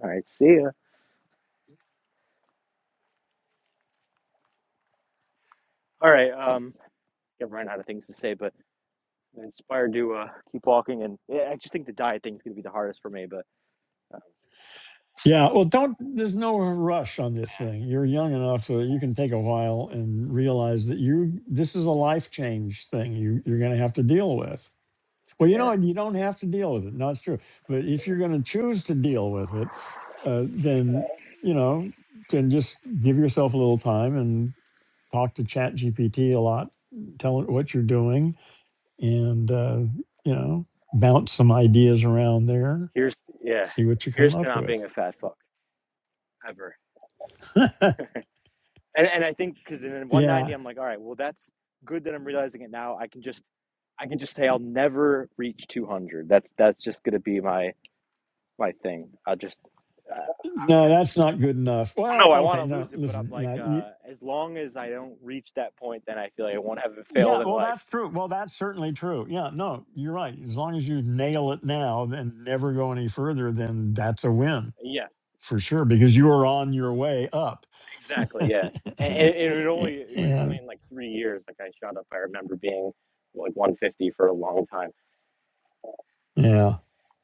S3: All right, see ya. All right, um, I've run out of things to say, but I'm inspired to uh, keep walking. And yeah, I just think the diet thing's gonna be the hardest for me. But
S1: Yeah, well, don't. There's no rush on this thing. You're young enough so that you can take a while and realize that you this is a life change thing. You you're going to have to deal with. Well, you
S3: yeah,
S1: know, you don't have to deal with it. No, it's true. But if you're going to choose to deal with it, uh, then you know, then just give yourself a little time and talk to Chat GPT a lot. Tell it what you're doing, and uh, you know, bounce some ideas around there.
S3: here's yeah,
S1: See what you come
S3: here's to
S1: up
S3: not being
S1: with.
S3: a fat fuck ever. And and I think because in 190,
S1: Yeah.
S3: I'm like, all right, well that's good that I'm realizing it now. I can just I can just say I'll never reach 200. That's that's just gonna be my my thing. I will just
S1: No, that's not good enough. Well,
S3: No, I want
S1: okay,
S3: to
S1: no,
S3: lose it, but I'm
S1: listen,
S3: like,
S1: yeah, you,
S3: uh, as long as I don't reach that point, then I feel like I won't have failed
S1: yeah,
S3: in
S1: well,
S3: life.
S1: that's true. Well, that's certainly true. Yeah, no, you're right. As long as you nail it now and never go any further, then that's a win
S3: Yeah,
S1: for sure because you are on your way up.
S3: exactly. Yeah, and,
S1: and
S3: and and it would only it was
S1: yeah,
S3: only in like three years. Like I shot up. I remember being like 150 for a long time.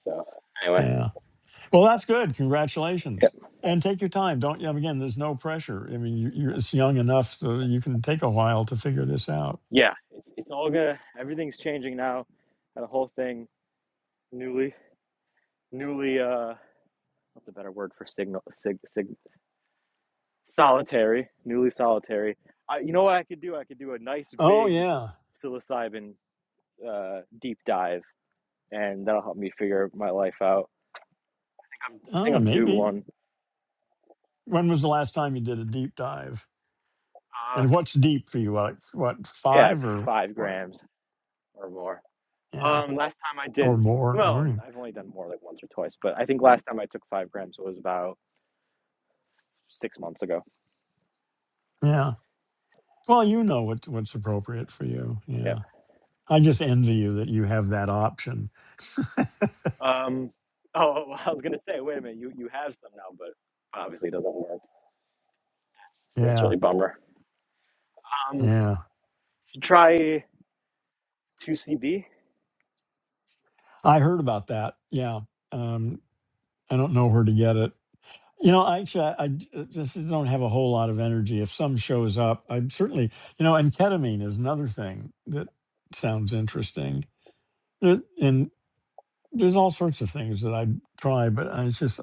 S3: So anyway,
S1: yeah. Well, that's good.
S3: yeah,
S1: Congratulations. And take your time. Don't you? Again, there's no pressure. I mean, you, you're it's young enough so you can take a while to figure this out.
S3: yeah. It's it's all gonna. Everything's changing now, and the whole thing newly newly uh what's a better word for signal sig, sig solitary newly solitary. I, you know what I could do? I could do a nice
S1: Oh
S3: big
S1: yeah.
S3: psilocybin uh, deep dive, and that'll help me figure my life out. I think I'm, I think
S1: Oh,
S3: I'm due
S1: maybe.
S3: one.
S1: When was the last time you did a deep dive?
S3: Uh,
S1: And what's deep for you? Like what
S3: yeah, like
S1: five or
S3: five
S1: what?
S3: grams or more.
S1: Yeah,
S3: Um, last time I did,
S1: or more.
S3: well,
S1: Or,
S3: I've only done more like once or twice, but I think last time I took five grams was about six months ago.
S1: yeah. Well, you know what what's appropriate for you.
S3: Yeah.
S1: Yeah. I just envy you that you have that option.
S3: Um, oh, well, I was gonna say, wait a minute, you you have some now, but obviously it doesn't work. That's
S1: Yeah,
S3: really a bummer. Um,
S1: yeah.
S3: try two CB.
S1: I heard about that. Yeah. Um, I don't know where to get it. You know, actually, I, I j- just don't have a whole lot of energy. If some shows up, I'm certainly, you know, and ketamine is another thing that sounds interesting. There- And there's all sorts of things that I try, but I, it's just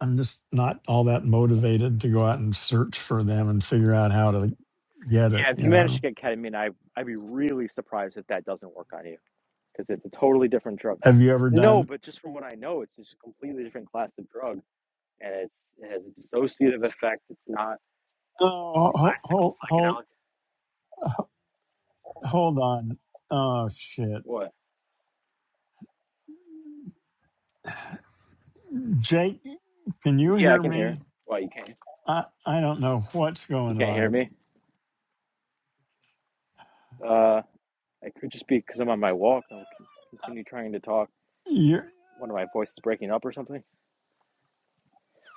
S1: I'm just not all that motivated to go out and search for them and figure out how to get it.
S3: Yeah, if you
S1: You
S3: manage to
S1: know,
S3: get ketamine, I I'd be really surprised if that doesn't work on you. because it's a totally different drug.
S1: have you ever
S3: No,
S1: done?
S3: but just from what I know, it's just a completely different class of drug, and it's it has a dissociative effect. It's not
S1: Oh, hold,
S3: classical
S1: hold,
S3: psychedelic.
S1: hold, hold on. Oh shit,
S3: What?
S1: Jake, can you
S3: Yeah, I
S1: hear
S3: can hear.
S1: me?
S3: Why you can't?
S1: I I don't know what's
S3: You
S1: going
S3: can't hear
S1: on.
S3: me? Uh, I could just be because I'm on my walk. I'll continue trying to talk.
S1: You,
S3: One of my voices breaking up or something.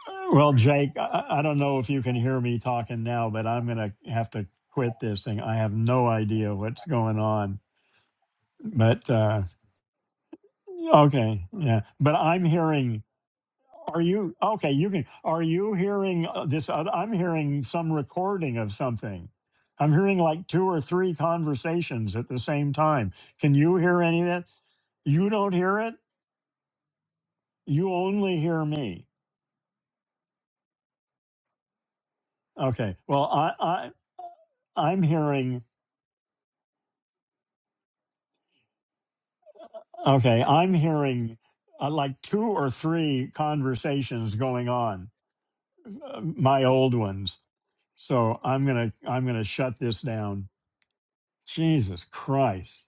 S1: are well, Jake, I, I don't know if you can hear me talking now, but I'm gonna have to quit this thing. I have no idea what's going on, but. uh Okay, yeah, but I'm hearing. Are you okay? You can. Are you hearing uh, this? oth- I'm hearing some recording of something. I'm hearing like two or three conversations at the same time. Can you hear any of that? You don't hear it. You only hear me. Okay. Well, I, I I'm hearing. Okay, I'm hearing uh, like two or three conversations going on. Uh, my old ones. So I'm gonna I'm gonna shut this down. Jesus Christ.